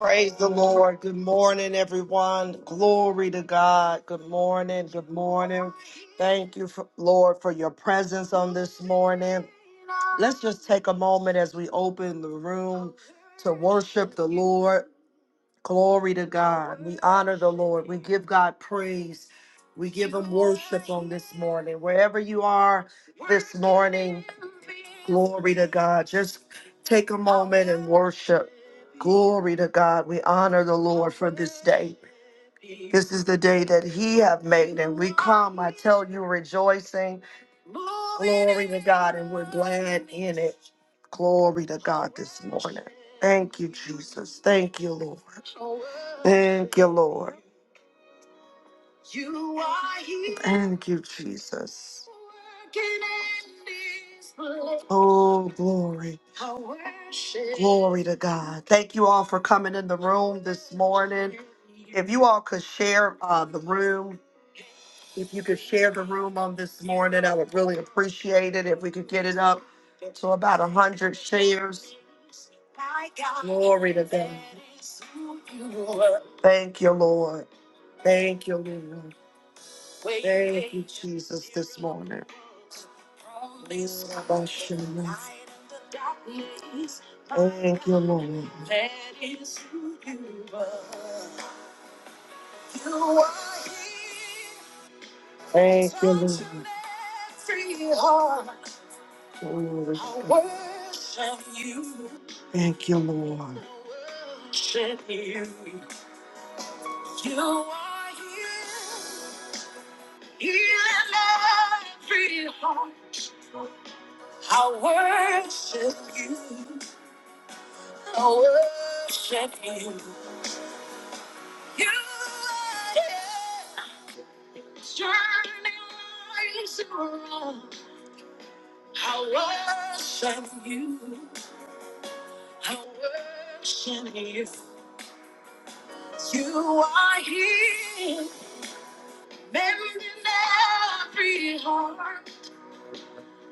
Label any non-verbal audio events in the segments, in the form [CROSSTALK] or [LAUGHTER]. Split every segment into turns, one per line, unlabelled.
Praise the Lord. Good morning, everyone. Glory to God. Good morning. Good morning. Thank you, for, Lord, for your presence on this morning. Let's just take a moment as we open the room to worship the Lord. Glory to God. We honor the Lord. We give God praise. We give him worship on this morning. Wherever you are this morning, glory to God. Just take a moment and worship. Glory to God. We honor the Lord for this day. This is the day that he have made, and we come, I tell you, rejoicing. Glory to God, and we're glad in it. Glory to God this morning. Thank you, Jesus. Thank you, Lord. Thank you, Lord. You are here. Thank you, Jesus. working in this place. Oh, glory. I worship Glory to God. Thank you all for coming in the room this morning. If you all could share uh, the room, if you could share the room on this morning, I would really appreciate it. If we could get it up to about 100 shares. Glory to God. Thank you, Lord. Thank you, Lord. Thank you, Jesus, this morning. Thank you, Lord. Thank you, Lord. Glory to God. Thank you, Lord. Heal every heart. I worship you. I worship you. You are turning lights around. I worship you. I worship you. You are here, mending every heart.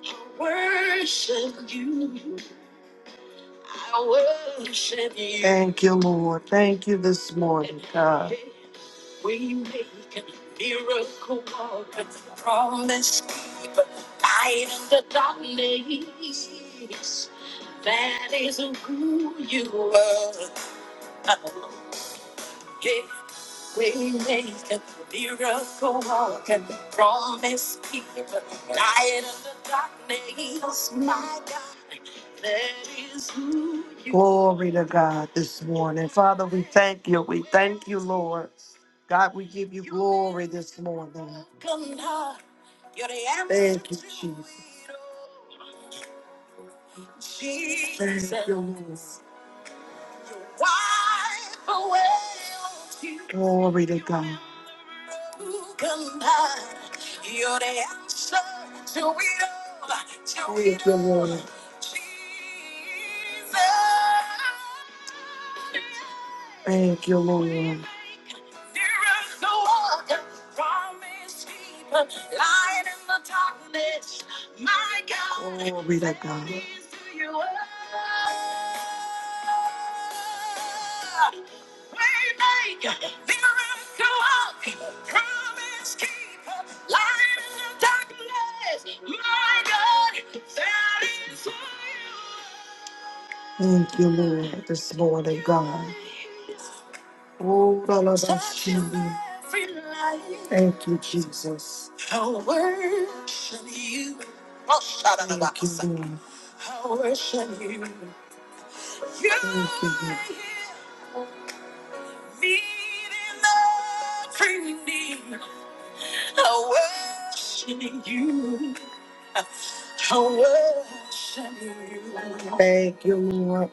I worship you. Thank you, Lord. Thank you this morning, God. We make a miracle walk promise keeper, light of the darkness, my God. That is who you Glory to God this morning. Father, we thank you. We thank you, Lord. God, we give you glory this morning. You're the answer. Thank you, Jesus. Jesus. Thank you, Lord. Wipe away all tears. Glory to God. Come by. You're the answer to it all. To it all. Lord. Jesus. Thank you, Lord. There is no other God. Glory to God. Thank you, Lord, this morning, God. Oh, la, la, la, she- Thank you, Jesus. I worship you. Oh, shout out about Thank you, Lord. I worship you. Thank you, Lord. Meeting the cream. I worship you. I worship you. Thank you, Lord.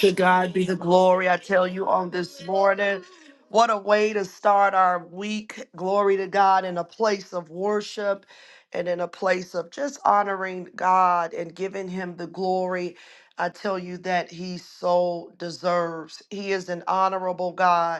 To God be the glory. I tell you on this morning, what a way to start our week. Glory to God in a place of worship and in a place of just honoring God and giving Him the glory. I tell you that He so deserves. He is an honorable God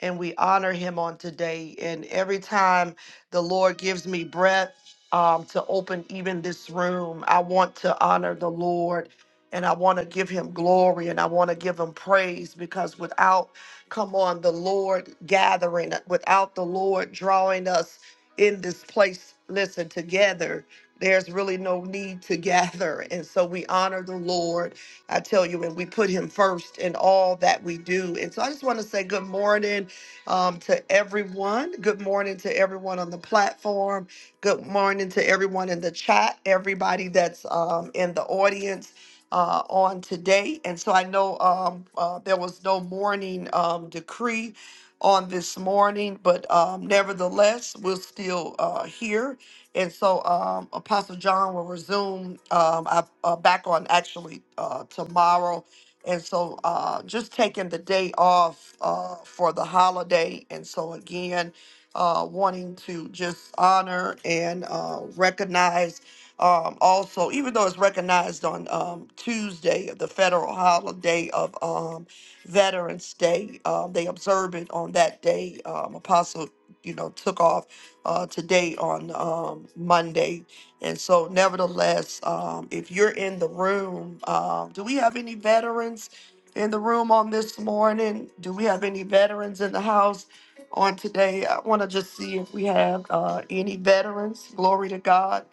and we honor him on today. And every time the Lord gives me breath um, to open even this room, I want to honor the Lord and I want to give him glory and I want to give him praise because without, come on, the Lord gathering, without the Lord drawing us in this place, listen, together. There's really no need to [LAUGHS] gather. And so we honor the Lord I tell you, and we put him first in all that we do. And so I just want to say good morning um, to everyone. Good morning to everyone on the platform. Good morning to everyone in the chat, everybody that's um, in the audience uh, on today. And so I know um, uh, there was no morning um, decree on this morning, but um, nevertheless, we're still uh, here. And so um, Apostle John will resume um, I, uh, back on actually uh, tomorrow and so uh, just taking the day off uh, for the holiday. And so again, uh, wanting to just honor and uh, recognize um, also, even though it's recognized on um, Tuesday, the federal holiday of um, Veterans Day, um, they observe it on that day. Um, Apostle, you know, took off uh, today on um, Monday and so, nevertheless, um, if you're in the room, um, do we have any veterans in the room on this morning? Do we have any veterans in the house on today? I want to just see if we have uh, any veterans. Glory to God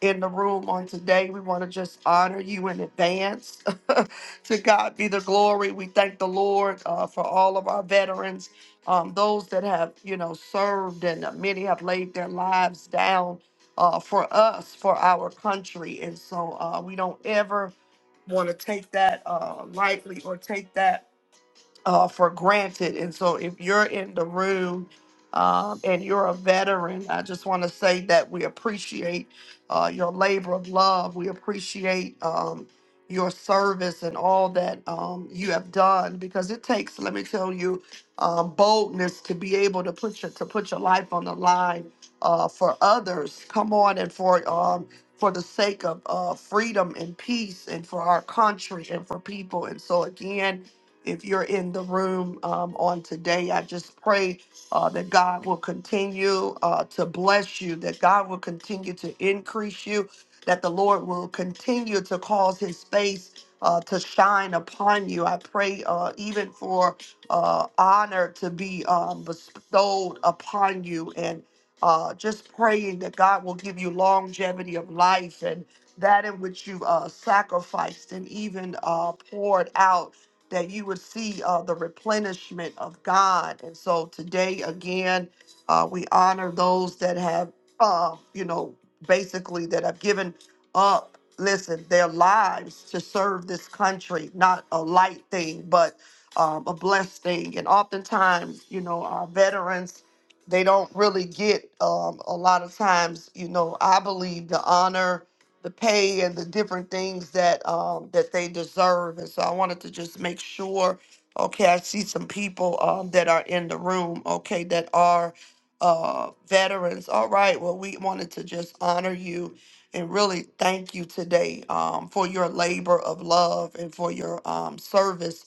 in the room on today. We want to just honor you in advance. [LAUGHS] to God be the glory. We thank the Lord uh, for all of our veterans, um, those that have, you know, served and uh, many have laid their lives down uh, for us, for our country. And so uh, we don't ever want to take that uh, lightly or take that uh, for granted. And so, if you're in the room um, and you're a veteran, I just want to say that we appreciate uh, your labor of love. We appreciate um, your service and all that um, you have done because it takes, let me tell you, um, boldness to be able to put your to put your life on the line uh, for others. Come on, and for um, for the sake of uh, freedom and peace, and for our country and for people. And so again if you're in the room um, on today, I just pray uh, that God will continue uh, to bless you, that God will continue to increase you, that the Lord will continue to cause his face uh, to shine upon you. I pray uh, even for uh, honor to be um, bestowed upon you and uh, just praying that God will give you longevity of life and that in which you uh, sacrificed and even uh, poured out that you would see uh, the replenishment of God. And so today, again, uh, we honor those that have, uh, you know, basically that have given up, listen, their lives to serve this country, not a light thing, but um, a blessed thing. And oftentimes, you know, our veterans, they don't really get um, a lot of times, you know, I believe the honor the pay and the different things that um that they deserve. And so I wanted to just make sure. Okay, I see some people um that are in the room. Okay, that are uh veterans. All right. Well, we wanted to just honor you and really thank you today um for your labor of love and for your um service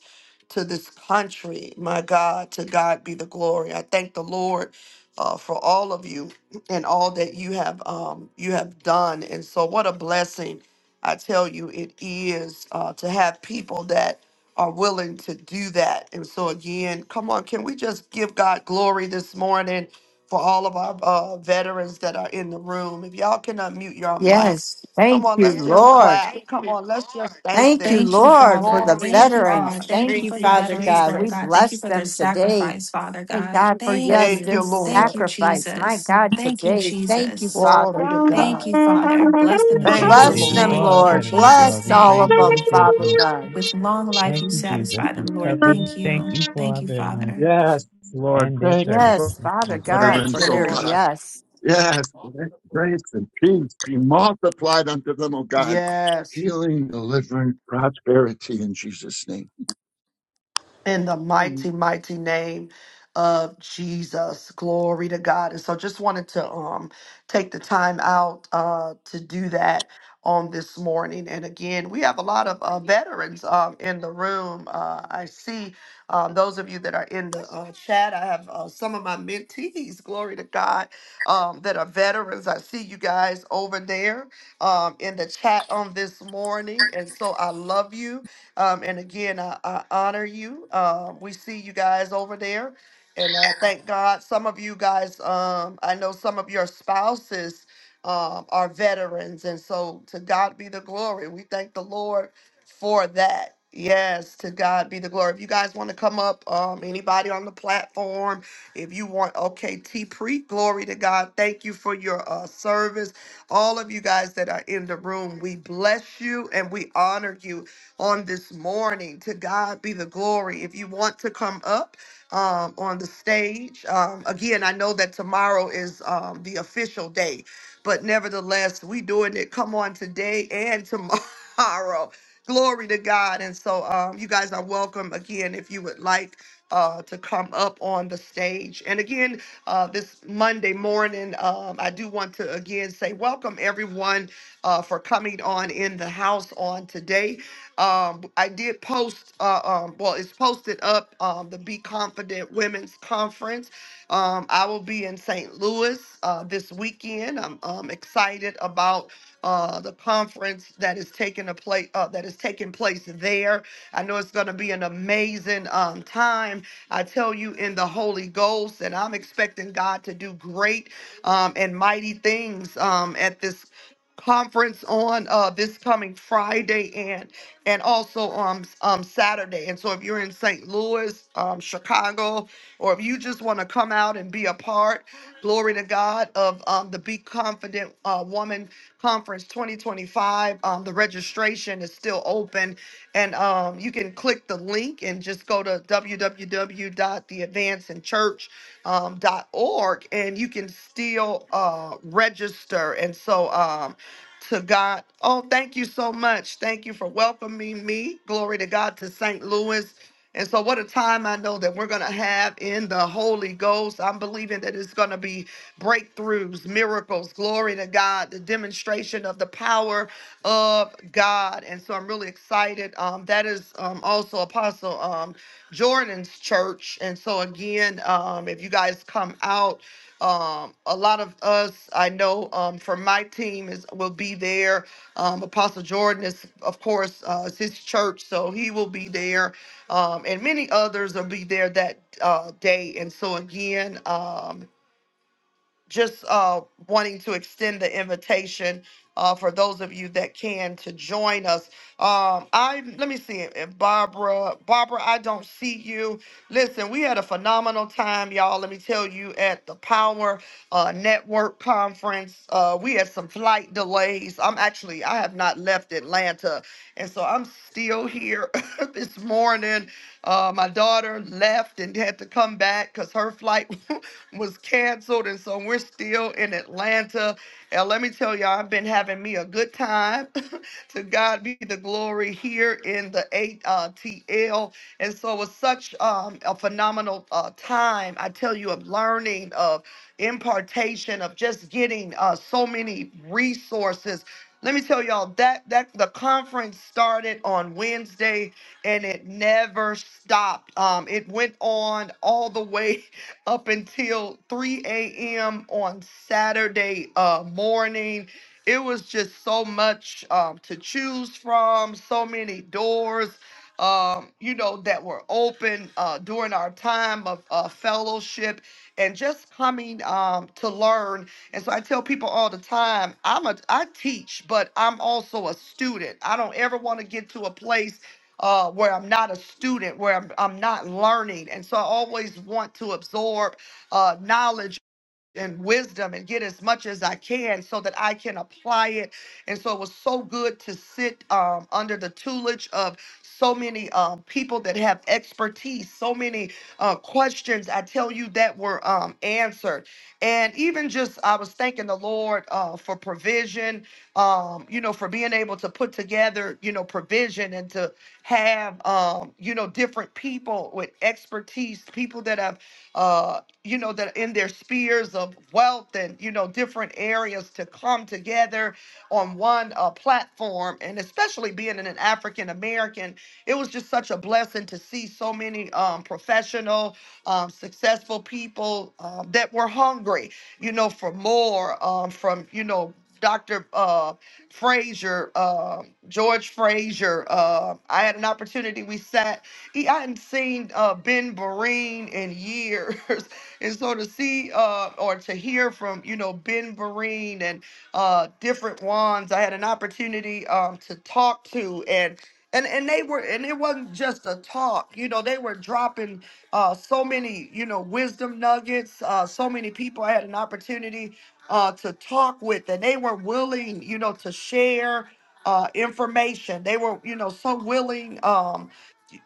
to this country. My God, to God be the glory. I thank the Lord uh, for all of you and all that you have um, you have done. And so, what a blessing! I tell you, it is uh, to have people that are willing to do that. And so, again, come on, can we just give God glory this morning for all of our uh, veterans that are in the room? If y'all can unmute your mics,
Yes,
come
thank
on,
you,
let's just
Lord.
clap. Thank Come you, on, let's just Lord. thank
Thank you,
them.
Thank you,
Lord, for
Father.
the
Glory to
Thank you,
veterans.
God.
God.
Thank you
Thank you,
for
Thank
the
you,
Father
veterans,
God.
Lord
We
Jesus.
God. Thank you
bless
for their
them today.
sacrifice, Father
Thank
God.
God for,
Thank
yes,
Thank
their
you,
you. Thank
Lord.
you,
sacrifice. My
Jesus.
God,
Thank you,
today. Thank you,
Jesus.
Father.
Glory to
Thank
God.
you, Father. Bless them
No,
in
Thank
Thank
you,
you,
Bless
Jesus'
Jesus, for
them,
Lord.
name.
our
In
Lord.
veterans,
Jesus'
Lord.
Bless
We
all
praise
of
name.
you
them,
and thank
Father
you.
God.
With long life,
Thank
you
you, Jesus.
satisfy
We
them,
cover
Lord. Thank
Thank
you.
you for
Thank
our
you,
veterans
Father.
Yes, Lord.
and their
Thank you
services,
for
Yes,
Thank
Father
you, Jesus.
God,
Thank
for
you,
utterance, oh
their
Lord.
God.
yes.
Yes, let grace and peace be multiplied unto them, oh God.
Yes.
Healing, deliverance, prosperity in Jesus' name.
In the
Mm.
mighty, mighty name of Jesus. Glory to God. And so just wanted to um take the time out uh to do that on this morning. And again, we have a lot of uh, veterans um in the room. Uh I see um those of you that are in the uh, chat. I have uh, some of my mentees, glory to God, um that are veterans. I see you guys over there um in the chat on this morning. And so
And
I love you Um, and again, I, I honor you. Um, we see you guys over there. And uh, thank God some of you guys, um, I know some of your spouses um, are veterans. And so to God be the glory. We thank the Lord for that. Yes, to God be the glory. If you guys want to come up, um, anybody on the platform, if you want, okay, T Pre, glory to God. Thank you for your uh, service. All of you guys that are in the room, we bless you and we honor you on this morning. To God be the glory. If you want to come up um, on the stage, um, again, I know that tomorrow is um, the official day, but nevertheless, we doing it. Come on today and tomorrow. [LAUGHS] Glory to God. And so um, you guys are welcome again if you would like uh, to come up on the stage. And again, uh, this Monday morning, um, I do want to again say welcome everyone uh, for coming on in the house on today. Um, I did post, uh, um, well, it's posted up um, the Be Confident Women's Conference. Um, I will be in St. Louis uh, this weekend. I'm um, excited about uh, the conference that is taking a place uh, that is taking place there. I know it's going to be an amazing um, time. I tell you in the Holy Ghost that I'm expecting God to do great um, and mighty things um, at this conference on uh, this coming Friday and and also on um, Saturday. And so if you're in St. Louis Columbus, um, Chicago, or if you just want to come out and be a part, glory to God, of um, the Be Confident uh, Woman Conference 2025, um, the registration is still open. And um, you can click the link and just go to w w w dot the advancing church um, dot org and you can still uh, register. And so, um, to God. Oh, thank you so much. Thank you for welcoming me. Glory to God to St. Louis. And so, what a time I know that we're going to have in the Holy Ghost. I'm believing that it's going to be breakthroughs, miracles, glory to God, the demonstration of the power of God. And so, I'm really excited. Um, that is um, also Apostle um, Jordan's church. And so, again, um, if you guys come out, um, a lot of us, I know, um, from my team is will be there. Um, Apostle Jordan is, of course, uh, is his church, so he will be there um, and many others will be there that uh, day. And so, again, um, just uh, wanting to extend the invitation uh, for those of you that can to join us. Um, I let me see if Barbara, Barbara, I don't see you. Listen, we had a phenomenal time, y'all. Let me tell you, at the Power uh, Network Conference, uh, we had some flight delays. I'm actually I have not left Atlanta, and so I'm still here [LAUGHS] this morning uh, my daughter left and had to come back because her flight [LAUGHS] was canceled. And so we're still in Atlanta. And let me tell y'all, I've been having me a good time. [LAUGHS] to God be the glory here in the ATL, And so it was such um, a phenomenal uh, time, I tell you, of learning, of impartation, of just getting uh, so many resources. Let me tell y'all that that the conference started on Wednesday and it never stopped. Um, it went on all the way [LAUGHS] up until 3 a.m. on Saturday uh, morning. It was just so much um, to choose from, so many doors, um, you know, that were open uh, during our time of uh, fellowship and just coming um, to learn. And so I tell people all the time, I'm a I teach, but I'm also a student. I don't ever want to get to a place uh, where I'm not a student, where I'm, I'm not learning. And so I always want to absorb uh, knowledge and wisdom and get as much as I can so that I can apply it. And so it was so good to sit um, under the tutelage of so many um, people that have expertise, so many uh, questions I tell you that were um, answered. And even just, I was thanking the Lord uh, for provision, um, you know, for being able to put together, you know, provision and to have, um, you know, different people with expertise, people that have uh, you know, that in their spheres of wealth and, you know, different areas to come together on one uh, platform. And especially being an African American, it was just such a blessing to see so many um, professional, um, successful people um, that were hungry, you know, for more um, from, you know, Dr. Uh, Frazier, uh, George Frazier. Uh, I had an opportunity. We sat. He, I hadn't seen uh, Ben Vereen in years, [LAUGHS] And so to see uh, or to hear from, you know, Ben Vereen and uh, different ones, I had an opportunity um, to talk to and and, and they were and it wasn't just a talk you know they were dropping uh, so many you know wisdom nuggets uh, so many people i had an opportunity uh, to talk with and they were willing you know to share uh, information they were you know so willing um,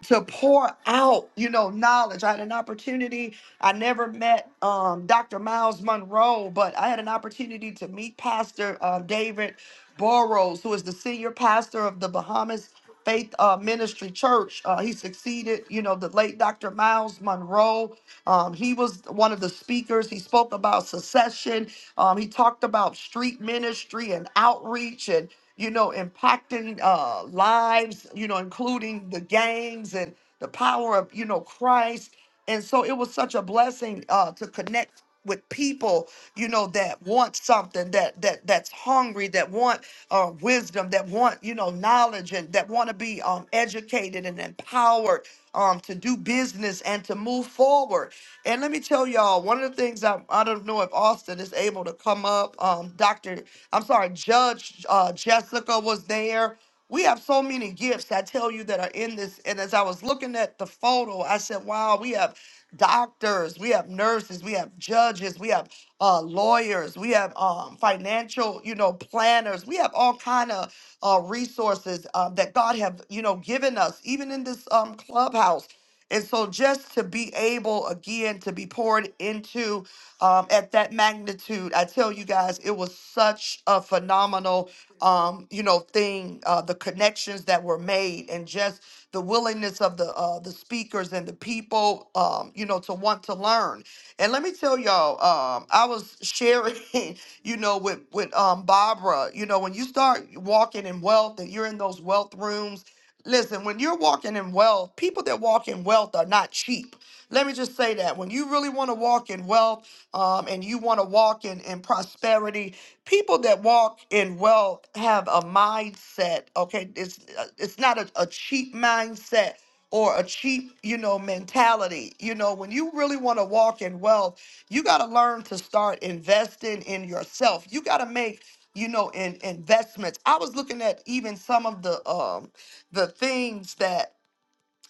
to pour out, you know, knowledge. I had an opportunity. I never met um, Dr. Miles Monroe, but I had an opportunity to meet Pastor uh, David Burrows, who is the senior pastor of the Bahamas Faith uh, Ministry Church. Uh, he succeeded, you know, the late Dr. Miles Monroe. Um, he was one of the speakers. He spoke about secession. Um, he talked about street ministry and outreach and you know, impacting uh, lives, you know, including the gangs and the power of, you know, Christ. And so it was such a blessing uh, to connect with people, you know, that want something, that that that's hungry, that want uh, wisdom, that want, you know, knowledge, and that want to be um, educated and empowered um, to do business and to move forward. And let me tell y'all, one of the things I I don't know if Austin Austin is able to come up. Um, Dr. I'm sorry, Judge uh, Jessica was there. We have so many gifts, I tell you, that are in this. And as I was looking at the photo, I said, wow, we have doctors, we have nurses, we have judges, we have uh, lawyers, we have um, financial, you know, planners. We have all kind of uh, resources uh, that God have, you know, given us, even in this um, clubhouse. And so, just to be able again to be poured into um, at that magnitude, I tell you guys, it was such a phenomenal, um, you know, thing. Uh, the connections that were made, and just the willingness of the uh, the speakers and the people, um, you know, to want to learn. And let me tell y'all, um, I was sharing, [LAUGHS] you know, with with um, Barbara. You know, when you start walking in wealth and you're in those wealth rooms. Listen, when you're walking in wealth, people that walk in wealth are not cheap. Let me just say that. When you really want to walk in wealth um, and you want to walk in, in prosperity, people that walk in wealth have a mindset, okay? It's, uh, it's not a, a cheap mindset or a cheap, you know, mentality. You know, when you really want to walk in wealth, you got to learn to start investing in yourself. You got to make, you know, in investments. I was looking at even some of the um the things that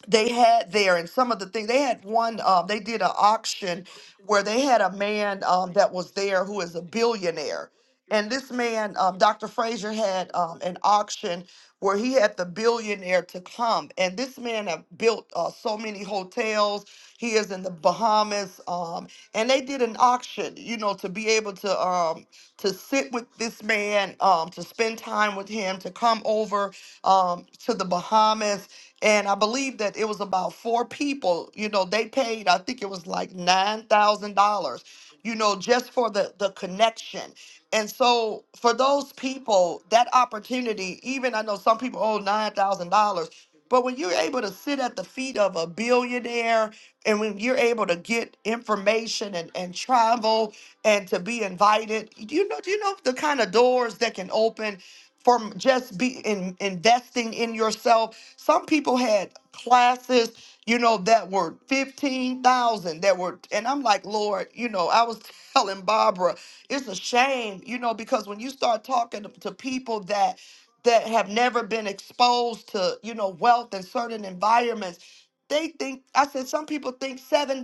they had there and some of the things they had one um they did an auction where they had a man um that was there who is a billionaire and this man um dr frazier had um an auction where he had the billionaire to come and this man have built uh, so many hotels he is in the bahamas um and they did an auction you know to be able to um to sit with this man um to spend time with him to come over um to the bahamas and I believe that it was about four people. You know, they paid, I think it was like nine thousand dollars. You know, just for the the connection. And so for those people, that opportunity, even I know some people owe nine thousand dollars, but when you're able to sit at the feet of a billionaire and when you're able to get information and, and travel and to be invited, do you know, do you know the kind of doors that can open from just be in investing in yourself? Some people had classes, you know, that were 15,000 that were, and I'm like, Lord, you know, I was [LAUGHS] telling Barbara, it's a shame, you know, because when you start talking to to people that, that have never been exposed to, you know, wealth in certain environments, they think, I said, some people think $7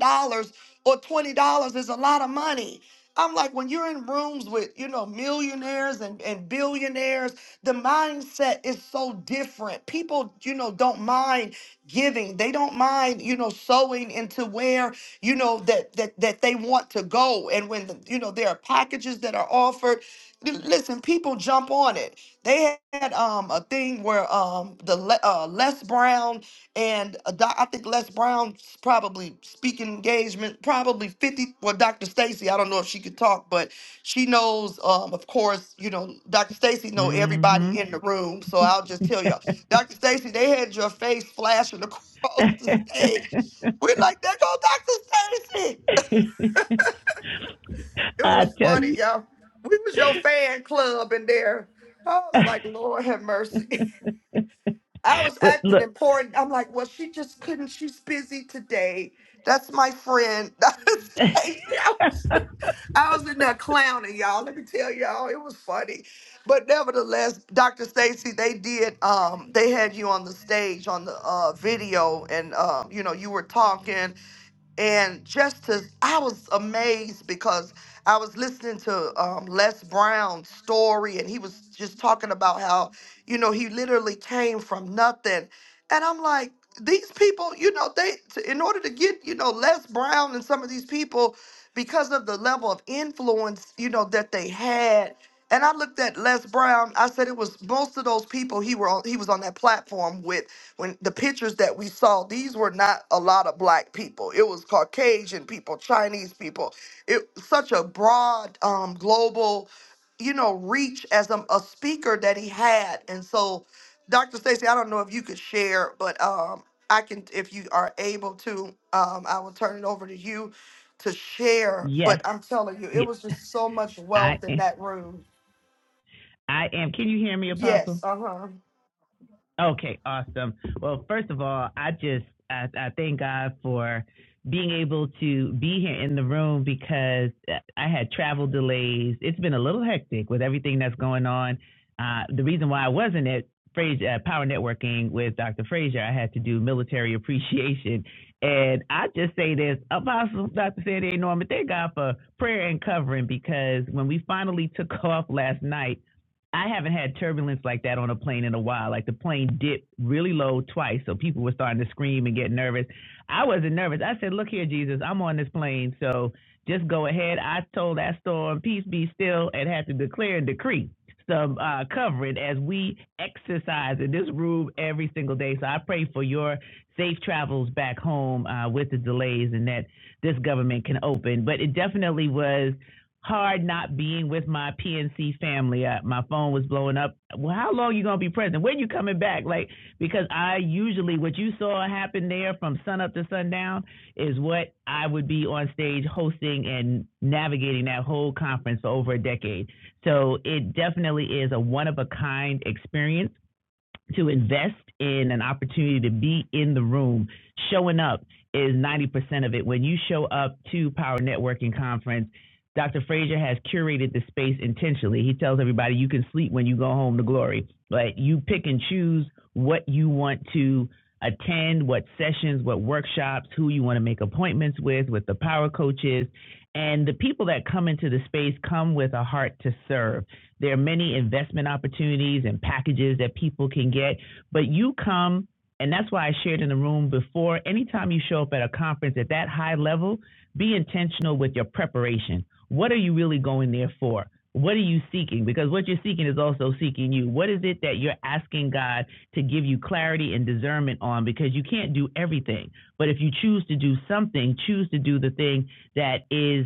or $20 is a lot of money. I'm like, when you're in rooms with, you know, millionaires and, and billionaires, the mindset is so different. People, you know, don't mind giving. They don't mind, you know, sewing into where, you know, that that that they want to go. And when, the, you know, there are packages that are offered, l- listen, people jump on it. They had um a thing where um the Le- uh, Les Brown and a doc, I think Les Brown's probably speaking engagement, probably 50. Well, Dr. Stacy, I don't know if she could talk, but she knows, um, of course, you know, Dr. Stacy know everybody
hmm
in the room. So I'll just tell y'all, Dr. Stacy, they had your face flashing [LAUGHS] across the stage. We're like, there go Dr. Stacy.
[LAUGHS]
It
I
was
tell
funny,
you.
y'all. We was your fan club in there. I was like, Lord have mercy. [LAUGHS]
[LAUGHS]
I was
but
acting
look.
important. I'm like, well, she just couldn't. She's busy today. That's my friend. [LAUGHS]
[LAUGHS]
I was in there clowning, y'all. Let me tell y'all, it was funny. But nevertheless, Dr. Stacy, they did. Um, they had you on the stage on the uh, video, and um, you know, you were talking and just to i was amazed because i was listening to um, les brown's story and he was just talking about how you know he literally came from nothing and i'm like these people you know they to, in order to get you know les brown and some of these people because of the level of influence you know that they had and i looked at les brown i said it was most of those people he were on, he was on that platform with when the pictures that we saw these were not a lot of black people it was caucasian people chinese people it such a broad um global you know reach as a, a speaker that he had and so dr stacy i don't know if you could share but um i can if you are able to um i will turn it over to you to share
yes,
but i'm telling you it
yes,
was just so much
I
wealth in
am.
that room
I am. Can you hear me, Apostle?
yes uh-huh
Okay, awesome. Well, first of all, I just I, I thank God for being able to be here in the room because uh, I had travel delays. It's been a little hectic with everything that's going on. Uh, the reason why I wasn't at Fraser, uh, Power Networking with Dr. Fraser, I had to do military [LAUGHS] appreciation. And I just say this, Apostle Dr. Sandy A. Norman, thank God for prayer and covering because when we finally took [LAUGHS] off last night, I haven't had turbulence like that on a plane in a while. Like the plane dipped really low twice, so people were starting to scream and get nervous. I wasn't nervous. I said, "Look here, Jesus, I'm on this plane, so just go ahead." I told that storm, "Peace be still," and had to declare and decree some uh, covering as we exercise in this room every single day. So I pray for your safe travels back home uh, with the delays and that this government can open. But it definitely was hard not being with my PNC family. Uh, my phone was blowing up. Well, how long you gonna be present? When you coming back? Like because I usually what you saw happen there from sun up to sundown is what I would be on stage hosting and navigating that whole conference for over a decade. So it definitely is a one of a kind experience to invest in an opportunity to be in the room, showing up is 90% of it. When you show up to Power Networking Conference, Dr. Frazier has curated the space intentionally. He tells everybody you can sleep when you go home to glory, but you pick and choose what you want to attend, what sessions, what workshops, who you want to make appointments with, with the power coaches. And the people that come into the space come with a heart to serve there are many investment opportunities and packages that people can get, but you come, and that's why I shared in the room before. Anytime you show up at a conference at that high level, be intentional with your preparation. What are you really going there for? What are you seeking? Because what you're seeking is also seeking you. What is it that you're asking God to give you clarity and discernment on? Because you can't do everything. But if you choose to do something, choose to do the thing that is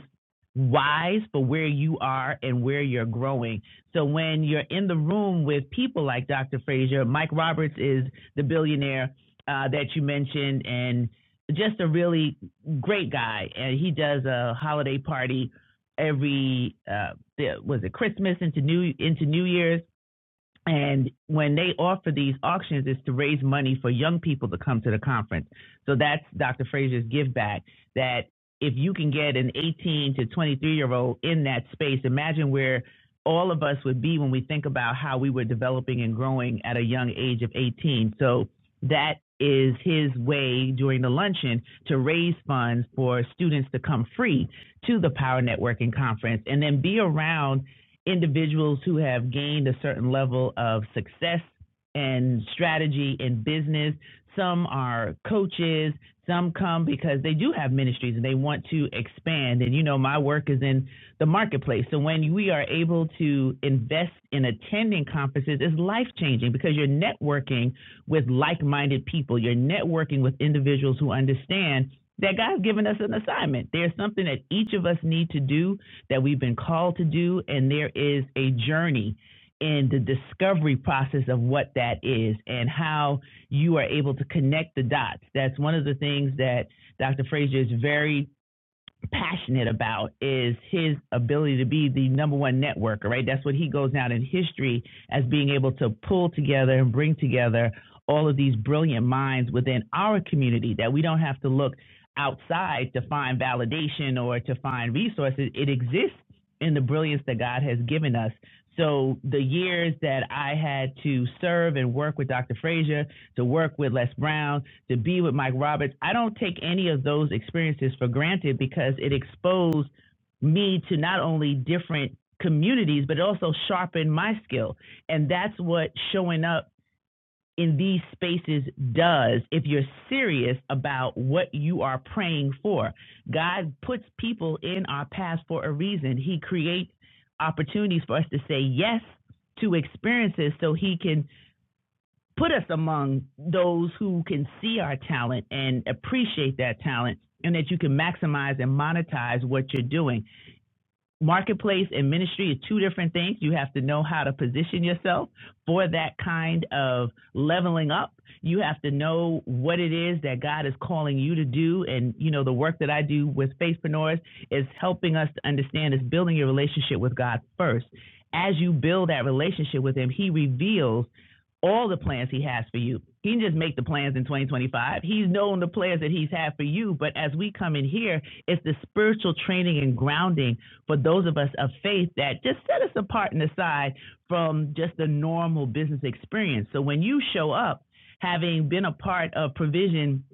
wise for where you are and where you're growing so when you're in the room with people like Dr. Frazier, Mike Roberts is the billionaire uh, that you mentioned, and just a really great guy. And he does a holiday party every uh, was it Christmas into New into New Year's, and when they offer these auctions, it's to raise money for young people to come to the conference. So that's Dr. Frazier's give back that if you can get an 18 to 23 year old in that space, imagine where all of us would be when we think about how we were developing and growing at a young age of 18. So that is his way during the luncheon to raise funds for students to come free to the Power Networking Conference and then be around individuals who have gained a certain level of success and strategy in business. Some are coaches. Some come because they do have ministries and they want to expand. And you know, my work is in the marketplace. So when we are able to invest in attending conferences, it's life changing because you're networking with like minded people. You're networking with individuals who understand that God's given us an assignment. There's something that each of us need to do that we've been called to do, and there is a journey in the discovery process of what that is and how you are able to connect the dots. That's one of the things that Dr. Frazier is very passionate about is his ability to be the number one networker, right? That's what he goes down in history as being able to pull together and bring together all of these brilliant minds within our community that we don't have to look outside to find validation or to find resources. It exists in the brilliance that God has given us. So the years that I had to serve and work with Dr. Frazier, to work with Les Brown, to be with Mike Roberts, I don't take any of those experiences for granted because it exposed me to not only different communities, but it also sharpened my skill. And that's what showing up in these spaces does if you're serious about what you are praying for. God puts people in our path for a reason, He creates opportunities for us to say yes to experiences so He can put us among those who can see our talent and appreciate that talent and that you can maximize and monetize what you're doing. Marketplace and ministry are two different things. You have to know how to position yourself for that kind of leveling up. You have to know what it is that God is calling you to do. And, you know, the work that I do with Faithpreneurs is helping us to understand is building your relationship with God first. As you build that relationship with Him, He reveals all the plans he has for you. He didn't just make the plans in 2025. He's known the plans that he's had for you. But as we come in here, it's the spiritual training and grounding for those of us of faith that just set us apart and aside from just the normal business experience. So when you show up, having been a part of provision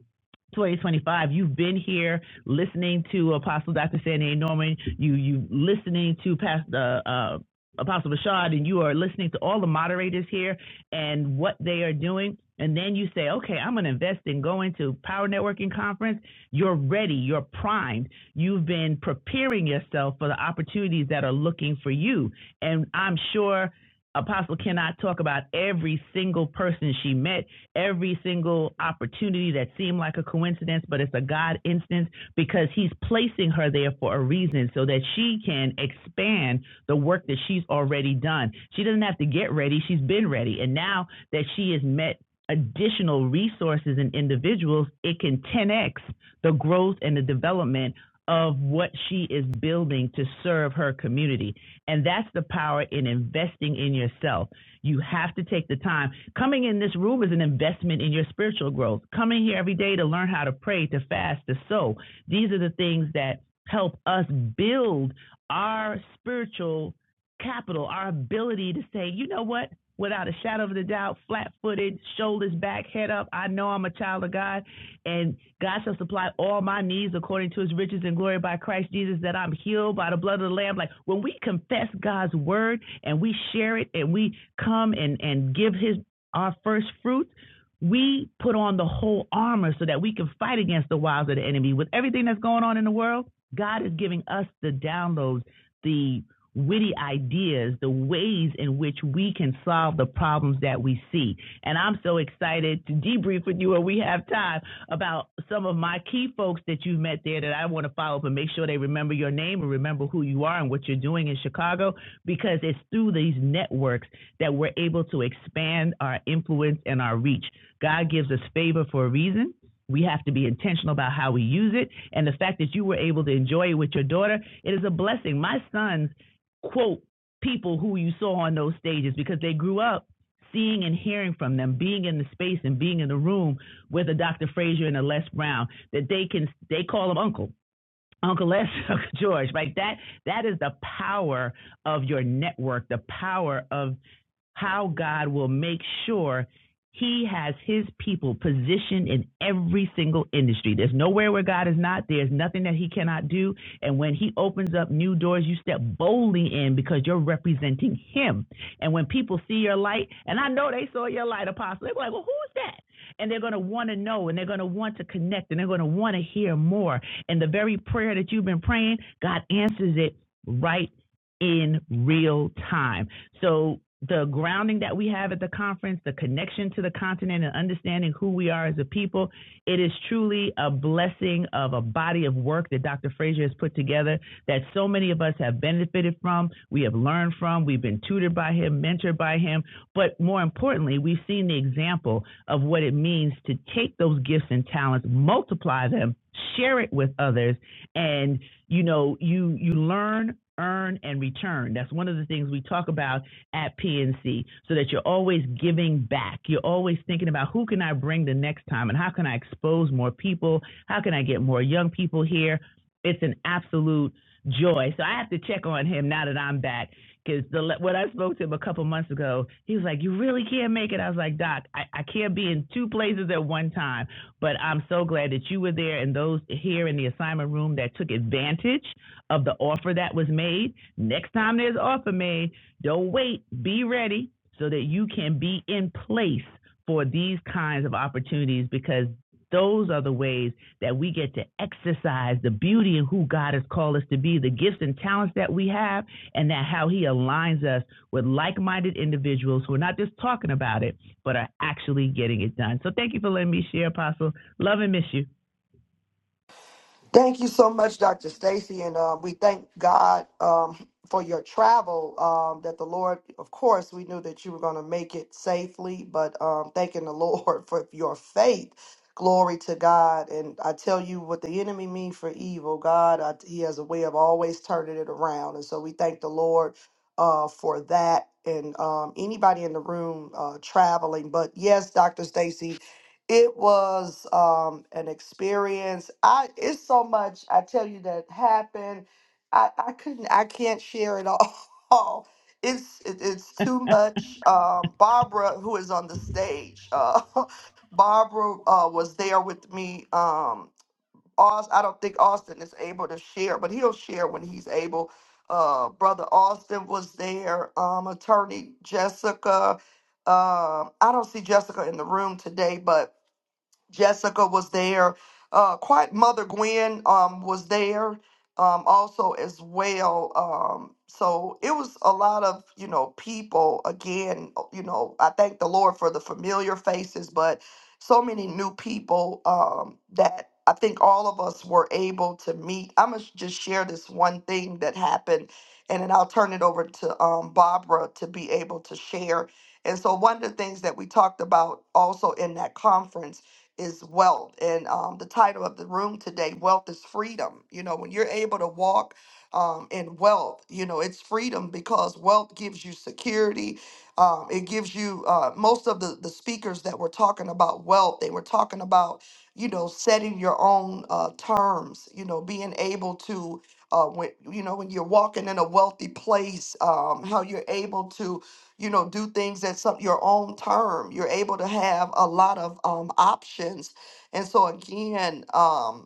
2025. You've been here listening to Apostle Dr. Sandy A. Norman. You you listening to Pastor uh, uh, Apostle Bashad, and you are listening to all the moderators here and what they are doing. And then you say, okay, I'm going to invest in going to Power Networking Conference. You're ready. You're primed. You've been preparing yourself for the opportunities that are looking for you. And I'm sure Apostle cannot talk about every single person she met every single opportunity that seemed like a coincidence, but it's a God instance because He's placing her there for a reason so that she can expand the work that she's already done. She doesn't have to get ready, she's been ready. And now that she has met additional resources and individuals, it can 10x the growth and the development of what she is building to serve her community. And that's the power in investing in yourself. You have to take the time. Coming in this room is an investment in your spiritual growth. Coming here every day to learn how to pray, to fast, to sow. These are the things that help us build our spiritual capital, our ability to say, you know what? Without a shadow of a doubt, flat footed, shoulders back, head up, I know I'm a child of God, and God shall supply all my needs according to his riches and glory by Christ Jesus, that I'm healed by the blood of the Lamb. Like when we confess God's word, and we share it and we come and, and give his our first fruit, we put on the whole armor so that we can fight against the wiles of the enemy. With everything that's going on in the world, God is giving us the downloads, the witty ideas, the ways in which we can solve the problems that we see. And I'm so excited to debrief with you when we have time about some of my key folks that you met there that I want to follow up and make sure they remember your name and remember who you are and what you're doing in Chicago because it's through these networks that we're able to expand our influence and our reach. God gives us favor for a reason. We have to be intentional about how we use it. And the fact that you were able to enjoy it with your daughter, it is a blessing. My sons quote people who you saw on those stages because they grew up seeing and hearing from them, being in the space and being in the room with a Dr. Frazier and a Les Brown, that they can they call them uncle. Uncle Les, [LAUGHS] Uncle George, right? That that is the power of your network, the power of how God will make sure he has his people positioned in every single industry. There's nowhere where God is not. There's nothing that he cannot do. And when he opens up new doors, you step boldly in because you're representing him. And when people see your light, and I know they saw your light, Apostle, they're like, well, who's that? And they're going to want to know and they're going to want to connect and they're going to want to hear more. And the very prayer that you've been praying, God answers it right in real time. So the grounding that we have at the conference, the connection to the continent and understanding who we are as a people, it is truly a blessing of a body of work that Dr. Frazier has put together that so many of us have benefited from, we have learned from, we've been tutored by him, mentored by him, but more importantly, we've seen the example of what it means to take those gifts and talents, multiply them, share it with others, and you know, you you learn earn and return. That's one of the things we talk about at PNC so that you're always giving back. You're always thinking about who can I bring the next time and how can I expose more people? How can I get more young people here? It's an absolute joy. So I have to check on him now that I'm back because the when I spoke to him a couple months ago, he was like, "You really can't make it." I was like, "Doc, I, I can't be in two places at one time." But I'm so glad that you were there and those here in the assignment room that took advantage of the offer that was made. Next time there's offer made, don't wait. Be ready so that you can be in place for these kinds of opportunities because those are the ways that we get to exercise the beauty of who God has called us to be, the gifts and talents that we have, and that how He aligns us with like minded individuals who are not just talking about it, but are actually getting it done. So thank you for letting me share, Apostle. Love and miss you.
Thank you so much, Dr. Stacy, and um, we thank God um, for your travel. Um, that the Lord, of course, we knew that you were going to make it safely, but um, thanking the [LAUGHS] Lord for your faith. Glory to God, and I tell you what the enemy mean for evil, God, I, He has a way of always turning it around, and so we thank the Lord uh, for that. And um, anybody in the room uh, traveling, but yes, Dr. Stacy, it was um, an experience. I it's so much I tell you that happened. I I couldn't I can't share it all. [LAUGHS] It's it, it's too much. Um, Barbara, who is on the stage, uh, [LAUGHS] Barbara uh, was there with me. Um, Aus, I don't think Austin is able to share, but he'll share when he's able. Uh, Brother Austin was there. Um, attorney Jessica. Um, I don't see Jessica in the room today, but Jessica was there. Uh, quite Mother Gwen um, was there um, also as well. Um, so it was a lot of you know people. Again, you know, I thank the Lord for the familiar faces, but so many new people um, that I think all of us were able to meet. I'm gonna just share this one thing that happened, and then I'll turn it over to um, Barbara to be able to share. And so one of the things that we talked about also in that conference is wealth. And um, the title of the room today, Wealth is Freedom. You know, when you're able to walk um, in wealth, you know, it's freedom because wealth gives you security. Um, it gives you, uh, most of the, the speakers that were talking about wealth, they were talking about, you know, setting your own uh, terms, you know, being able to. Uh, when you know when you're walking in a wealthy place, um, how you're able to you know do things at some your own term you're able to have a lot of um, options and so again um,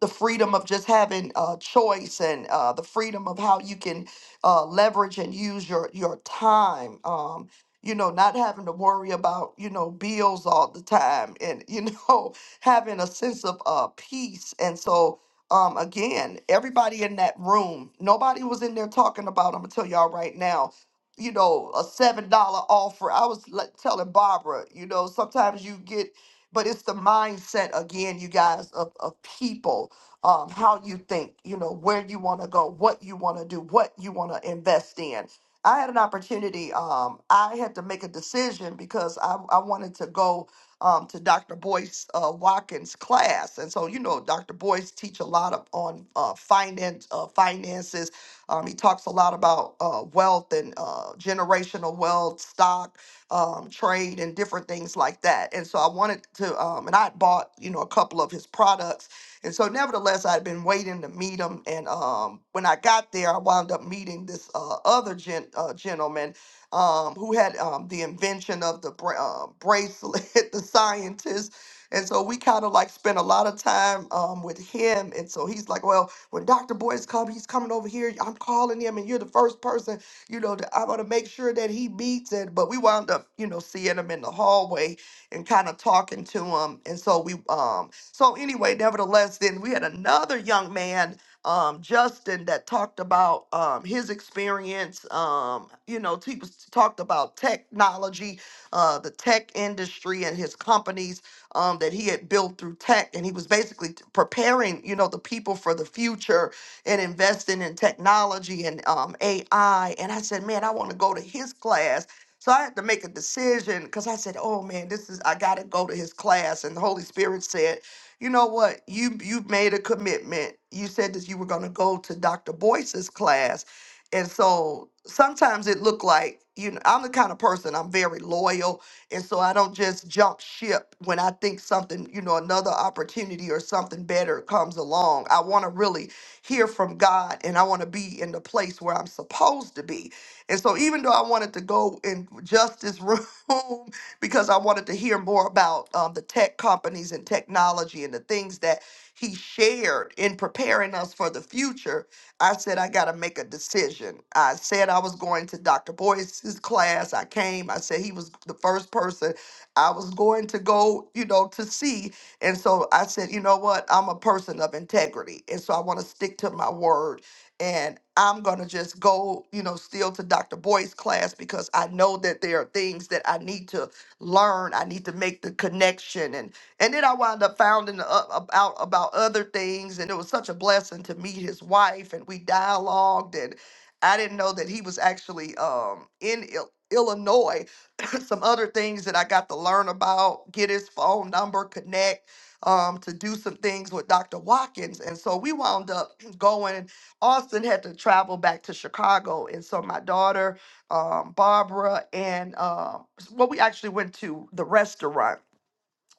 the freedom of just having uh, choice and uh, the freedom of how you can uh, leverage and use your your time. Um, you know, not having to worry about you know bills all the time, and you know [LAUGHS] having a sense of uh, peace. And so, um, again, everybody in that room, nobody was in there talking about. I'm gonna tell y'all right now. You know, a seven dollar offer. I was like, telling Barbara, you know, sometimes you get, but it's the mindset again, you guys, of, of people um, how you think, you know, where you want to go, what you want to do, what you want to invest in. I had an opportunity. Um, I had to make a decision because I, I wanted to go um, to Dr. Boyce uh, Watkins' class, and so you know, Dr. Boyce teach a lot of, on uh, finance, uh, finances. Um, he talks a lot about uh, wealth and uh, generational wealth, stock, um, trade and different things like that. And so I wanted to, um, and I had bought, you know, a couple of his products and so, nevertheless, I'd been waiting to meet him. And um, when I got there, I wound up meeting this uh, other gen- uh, gentleman um, who had um, the invention of the bra- uh, bracelet, [LAUGHS] the scientist. And so we kind of like spent a lot of time um, with him. And so he's like, well, when Dr. Boyce come, he's coming over here. I'm calling him, and you're the first person, you know, that I want to make sure that he meets it. But we wound up, you know, seeing him in the hallway and kind of talking to him. And so we um so anyway, nevertheless, then we had another young man, um, Justin, that talked about um, his experience. Um, you know, he was talked about technology, uh, the tech industry, and his companies um, that he had built through tech, and he was basically t- preparing, you know, the people for the future and investing in technology and um, AI. And I said, man, I want to go to his class. So I had to make a decision because I said, oh man, this is, I got to go to his class. And the Holy Spirit said you know what? You you made a commitment. You said that you were going to go to Dr. Boyce's class, and so sometimes it looked like you know I'm the kind of person I'm very loyal, and so I don't just jump ship when I think something you know another opportunity or something better comes along. I want to really hear from God, and I want to be in the place where I'm supposed to be. And so even though I wanted to go in Justice room [LAUGHS] because I wanted to hear more about um, the tech companies and technology and the things that he shared in preparing us for the future. I said, I got to make a decision. I said I was going to Dr. Boyce's class. I came. I said he was the first person I was going to go, you know, to see. And so I said, you know what? I'm a person of integrity. And so I want to stick to my word. And I'm going to just go, you know, still to Dr. Boyce's class because I know that there are things that I need to learn. I need to make the connection, and and then I wound up finding uh, about about other things, and it was such a blessing to meet his wife, and we dialogued, and I didn't know that he was actually um, in Il- Illinois. [COUGHS] [CLEARS THROAT] Some other things that I got to learn about, get his phone number, connect. Um, to do some things with Dr. Watkins. And so we wound up [CLEARS THROAT] going. Austin had to travel back to Chicago. And so my daughter um, Barbara and um, well, we actually went to the restaurant.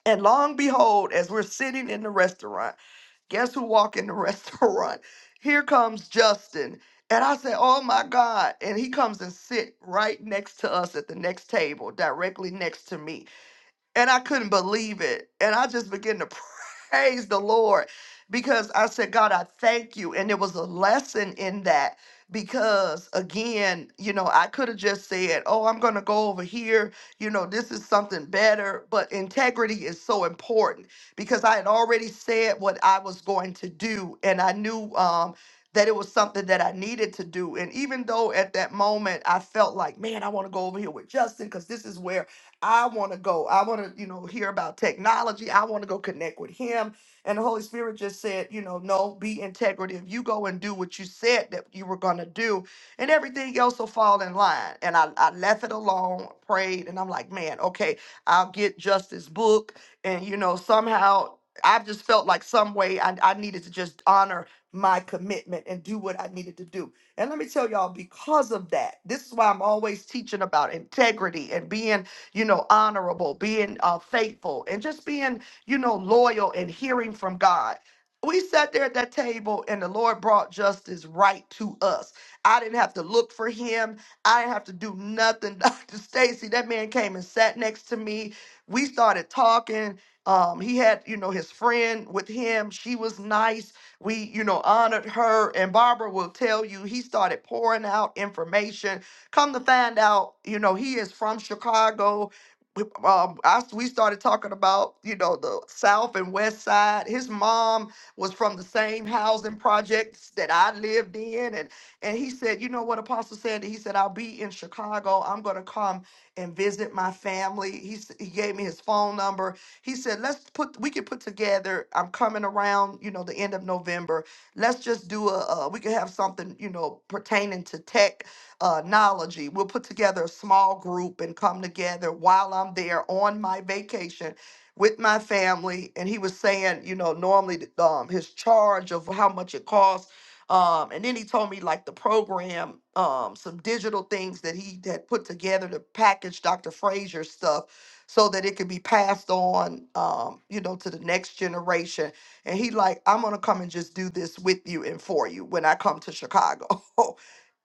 And long behold, as we're sitting in the restaurant, guess who walked in the [LAUGHS] restaurant? Here comes Justin. And I said, Oh my God. And he comes and sit right next to us at the next table, directly next to me and I couldn't believe it. And I just began to [LAUGHS] praise the Lord because I said, God, I thank you. And there was a lesson in that because, again, you know, I could have just said, oh, I'm going to go over here. You know, this is something better. But integrity is so important because I had already said what I was going to do. And I knew, um, that it was something that I needed to do. And even though at that moment I felt like, man, I want to go over here with Justin because this is where I want to go. I want to, you know, hear about technology. I want to go connect with him. And the Holy Spirit just said, you know, no, be integrative. You go and do what you said that you were going to do, and everything else will fall in line. And I, I left it alone, prayed, and I'm like, man, okay, I'll get Justice book. And, you know, somehow I just felt like some way I, I needed to just honor my commitment and do what I needed to do. And let me tell y'all, because of that, this is why I'm always teaching about integrity and being you know, honorable, being uh, faithful, and just being, you know, loyal and hearing from God. We sat there at that table and the Lord brought justice right to us. I didn't have to look for him. I didn't have to do nothing. [LAUGHS] Dr. Stacy, that man came and sat next to me. We started talking. Um, he had, you know, his friend with him. She was nice. We, you know, honored her. And Barbara will tell you, he started pouring out information Come to find out, you know, he is from Chicago. We- Um, I, we started talking about, you know, the South and West Side. His mom was from the same housing projects that I lived in. And, and he said, you know what Apostle said? He said, I'll be in Chicago. I'm going to come and visit my family. He, s- he gave me his phone number. He said, let's put, we could put together, I'm coming around, you know, the end of November let's just do a uh, we could have something you know pertaining to tech uh, Nology. We'll put together a small group and come together while I'm there on my vacation with my family. And he was saying, you know, normally th- um, his charge of how much it costs. Um, and then he told me like the program, um, some digital things that he had put together to package Dr. Frazier's stuff so that it could be passed on, um, you know, to the next generation. And he like, I'm gonna come and just do this with you and for you when I come to Chicago. [LAUGHS]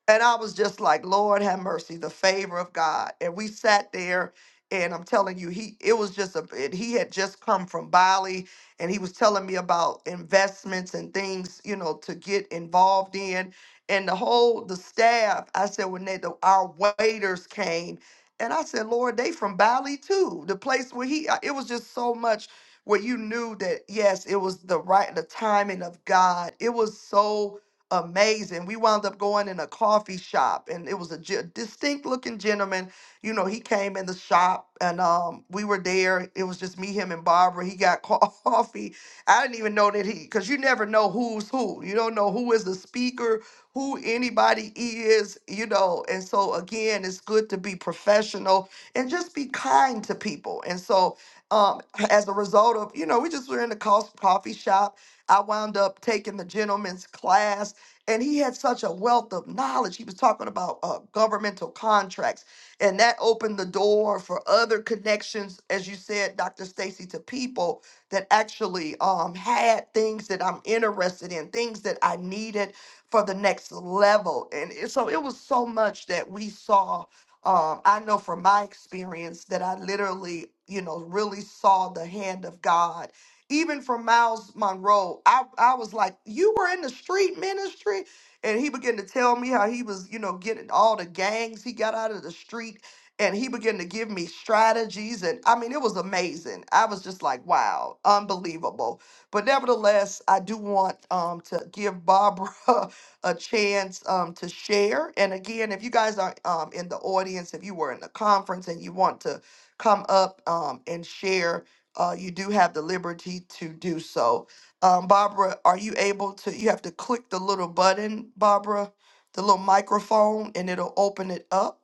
And I was just like, Lord have mercy, the favor of God. And we sat there and I'm telling you, he it was just a and he had just come from Bali and he was telling me about investments and things, you know, to get involved in. And the whole the staff, I said when they the, our waiters came, and I said, Lord, they from Bali too. The place where he I- it was just so much where you knew that yes, it was the right the timing of God. It was so amazing. We wound up going in a coffee shop, and it was a ge- distinct looking gentleman. You know, he came in the shop, and um, we were there. It was just me, him, and Barbara. He got co- [LAUGHS] coffee. I didn't even know that he, because you never know who's who. You don't know who is the speaker, who anybody is, you know. And so, again, it's good to be professional and just be kind to people. And so, um, as a result of, you know, we just were in the cos- coffee shop. I wound up taking the gentleman's class and he had such a wealth of knowledge. He was talking about uh, governmental contracts, and that opened the door for other connections, as you said, Dr. Stacy, to people that actually um, had things that I'm interested in, things that I needed for the next level. And it- so it was so much that we saw. Um, I know from my experience that I literally, you know, really saw the hand of God even from Miles Monroe, I, I was like, You were in the street ministry? And he began to tell me how he was, you know, getting all the gangs he got out of the street. And he began to give me strategies. And I mean, it was amazing. I was just like, wow, unbelievable. But nevertheless, I do want um, to give Barbara [LAUGHS] a chance um, to share. And again, if you guys are um, in the audience, if you were in the conference and you want to come up um, and share, uh, you do have the liberty to do so. Um, Barbara, are you able to? You have to click the little button, Barbara, the little microphone, and it'll open it up.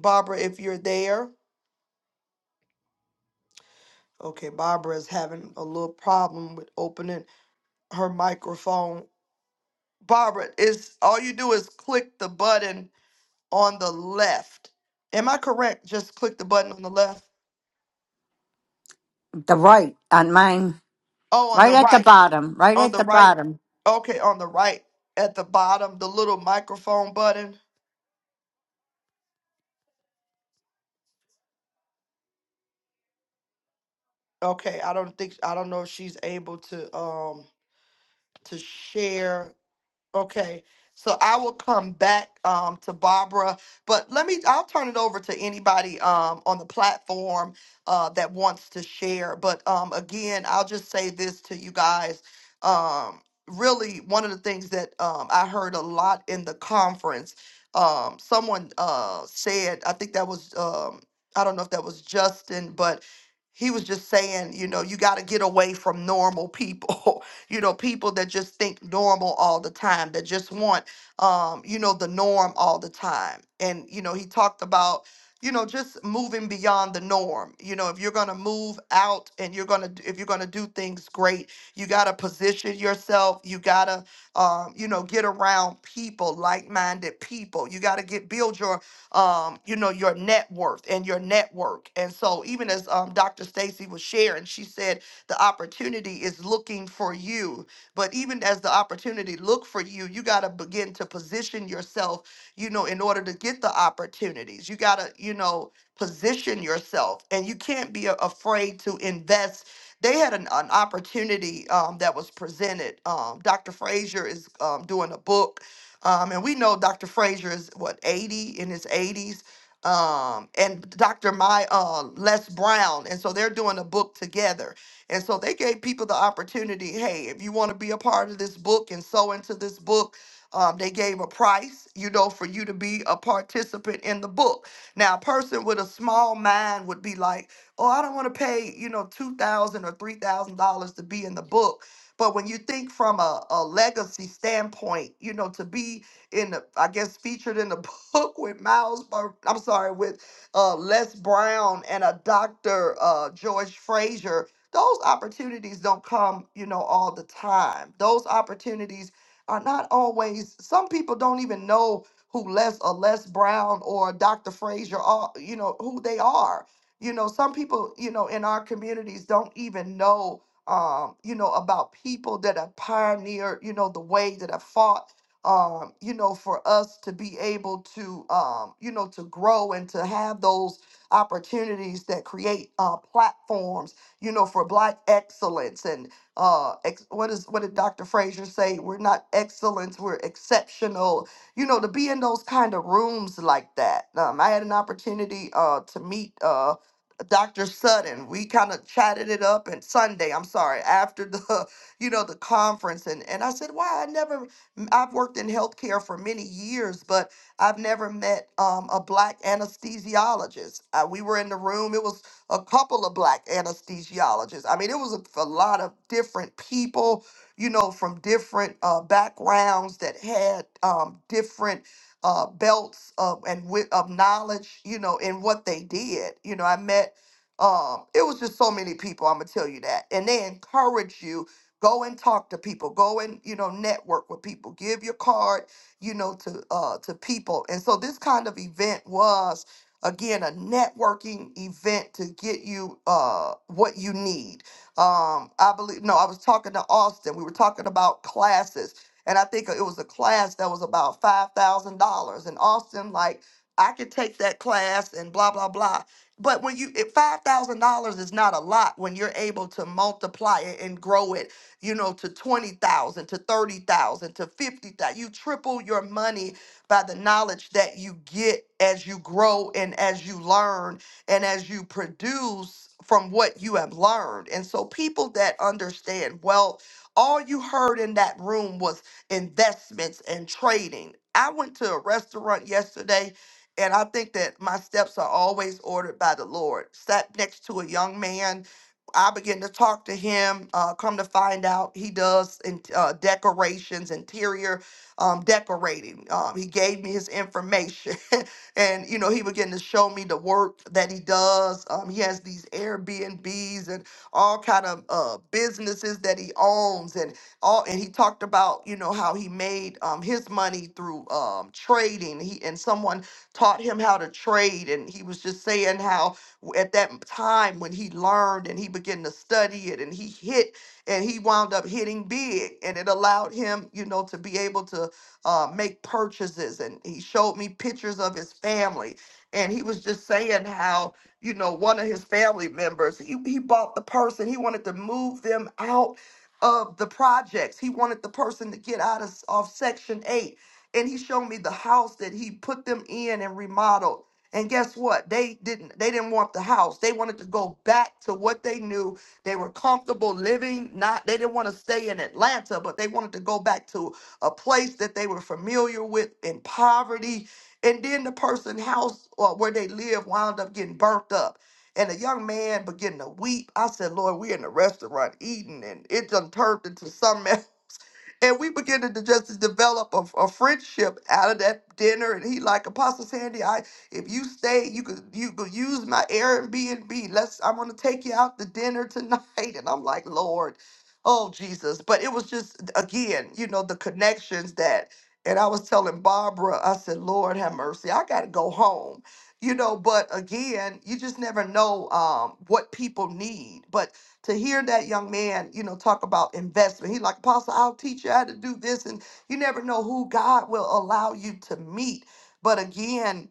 Barbara, if you're there. Okay, Barbara is having a little problem with opening her microphone. Barbara, is all you do is click the button on the left. Am I correct? Just click the button on the left.
The right on mine,
Oh, on
right
the
at the
right.
bottom, right
On
at
the
the
right.
bottom.
Okay, on the right at the bottom, the little microphone button. Okay, I don't think I don't know if she's able to um to share Okay, so I will come back um, to Barbara, but let me, I'll turn it over to anybody um, on the platform uh, that wants to share. But um, again, I'll just say this to you guys. Um, really, one of the things that um, I heard a lot in the conference, um, someone uh, said, I think that was, um, I don't know if that was Justin, but he was just saying, you know, you got to get away from normal people. [LAUGHS] you know, people that just think normal all the time, that just want, um, you know, the norm all the time. And, you know, he talked about, you know, just moving beyond the norm. You know, if you're going to move out and you're going to, if you're going to do things great, you got to position yourself. You got to, um, you know, get around people, like-minded people. You got to get, build your, um, you know, your net worth and your network. And so even as um, Dr. Stacy was sharing, she said, the opportunity is looking for you. But even as the opportunity look for you, you got to begin to position yourself, you know, in order to get the opportunities. You got to, you know, position yourself and you can't be a- afraid to invest. They had an, an opportunity um, that was presented. Um, Dr. Frazier is um, doing a book. Um, and we know Dr. Frazier is what 80 in his 80s um, and Dr. My uh, Les Brown, and so they're doing a book together. And so they gave people the opportunity hey, if you want to be a part of this book and so into this book, um, they gave a price, you know, for you to be a participant in the book. Now, a person with a small mind would be like, oh, I don't want to pay, you know, 2000 or $3,000 to be in the book. But when you think from a, a legacy standpoint, you know, to be in the, I guess, featured in the [LAUGHS] book with Miles, Bur- I'm sorry, with uh, Les Brown and a Dr. Uh, George Frazier, those opportunities don't come, you know, all the time. Those opportunities are not always, some people don't even know who Les or Les Brown or Dr. Frazier are, you know, who they are. You know, some people, you know, in our communities don't even know, um, you know, about people that have pioneered, you know, the way that have fought, um, you know, for us to be able to, um, you know, to grow and to have those opportunities that create uh, platforms you know, for black excellence and uh ex- what is what did Dr. Frazier say? We're not excellence, we're exceptional. You know, to be in those kind of rooms like that. Um, I had an opportunity uh to meet uh Dr. Sutton. We kind of chatted it up and Sunday, I'm sorry, after the, [LAUGHS] you know, the conference and and I said, "Wow, I never i I've worked in healthcare for many years, but I've never met um, a black anesthesiologist. Uh, we were in the room. It was a couple of black anesthesiologists. I mean, it was a, a lot of different people, you know, from different uh, backgrounds that had um, different uh, belts of and wi- of knowledge, you know, in what they did. You know, I met. Um, it was just so many people. I'm gonna tell you that, and they encourage you go and talk to people, go and you know network with people, give your card, you know, to uh to people. And so this kind of event was Again, a networking event to get you uh, what you need. Um, I believe, no, I was talking to Austin. We were talking about classes, and I think it was a class that was about $5,000. And Austin, like, I could take that class and blah, blah, blah. But when you, it- $5,000 is not a lot when you're able to multiply it and grow it you know, to 20,000, to 30,000, to 50,000. You triple your money by the knowledge that you get as you grow and as you learn and as you produce from what you have learned. And so, people that understand wealth, all you heard in that room was investments and trading. I went to a restaurant yesterday. And I think that my steps are always ordered by the Lord. Sat next to a young man I began to talk to him. Uh, come to find out, he does in, uh, decorations, interior um, decorating. Um, he gave me his information, [LAUGHS] and you know he began to show me the work that he does. Um, he has these Airbnbs and all kind of uh, businesses that he owns, and all. And he talked about you know how he made um, his money through um, trading. He and someone taught him how to trade, and he was just saying how w- at that time when he learned and he began to study it and he hit and he wound up hitting big and it allowed him you know to be able to uh, make purchases. And he showed me pictures of his family. And he was just saying how, you know, one of his family members, he, he bought the person, he wanted to move them out of the projects. He wanted the person to get out of, of Section 8. And he showed me the house that he put them in and remodeled. And guess what? They didn't they didn't want the house. They wanted to go back to what they knew. They were comfortable living. Not they didn't want to stay in Atlanta, but they wanted to go back to a place that they were familiar with in poverty. And then the person's house or where they live wound up getting burnt up. And the young man began to weep. I said, Lord, we're in the restaurant eating, and it done turned into something [LAUGHS] else. And we began to just to develop a, a friendship out of that dinner. And he like, Apostle Sandy, I if you stay, you could you could use my Airbnb. Let's I'm gonna take you out to dinner tonight. [LAUGHS] And I'm like, Lord. Oh, Jesus. But it was just, again, you know, the connections that, and I was telling Barbara, I said, Lord have mercy, I got to go home. You know, but again, you just never know um, what people need. But to hear that young man, you know, talk about investment, he like, Apostle, I'll teach you how to do this. And you never know who God will allow you to meet. But again,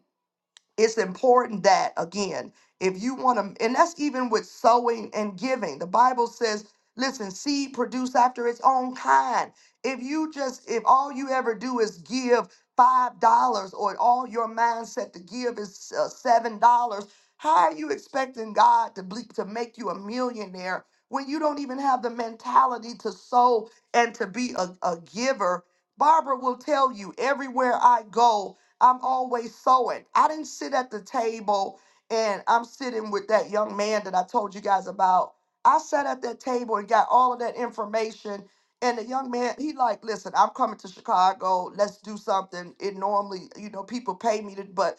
it's important that again if you want to and that's even with sowing and giving the bible says listen seed produce after its own kind if you just if all you ever do is give five dollars or all your mindset to give is uh, seven dollars how are you expecting god to ble- to make you a millionaire when you don't even have the mentality to sow and to be a, a giver barbara will tell you everywhere i go I'm always sewing. I didn't sit at the table and I'm sitting with that young man that I told you guys about. I sat at that table and got all of that information. And the young man, he like, listen, I'm coming to Chicago. Let's do something. It normally, you know, people pay me to, but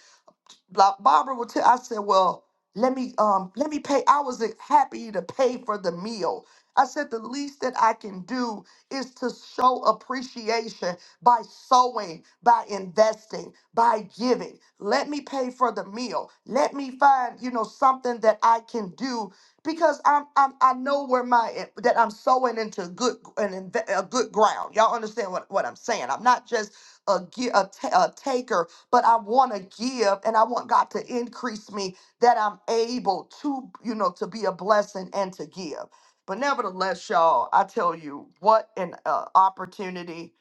Ba- Barbara would tell. I said, "Well, let me um let me pay." I was uh, happy to pay for the meal. I said the least that I can do is to show appreciation by sowing, by investing, by giving. Let me pay for the meal. Let me find, you know, something that I can do because I'm, I'm I know where my eh, that I'm sowing into good and inve- a good ground. Y'all understand what, what I'm saying? I'm not just a, gi- a ta- a taker but I want to give and I want God to increase me that I'm able to, you know, to be a blessing and to give. But nevertheless, y'all, I tell you what an uh, opportunity.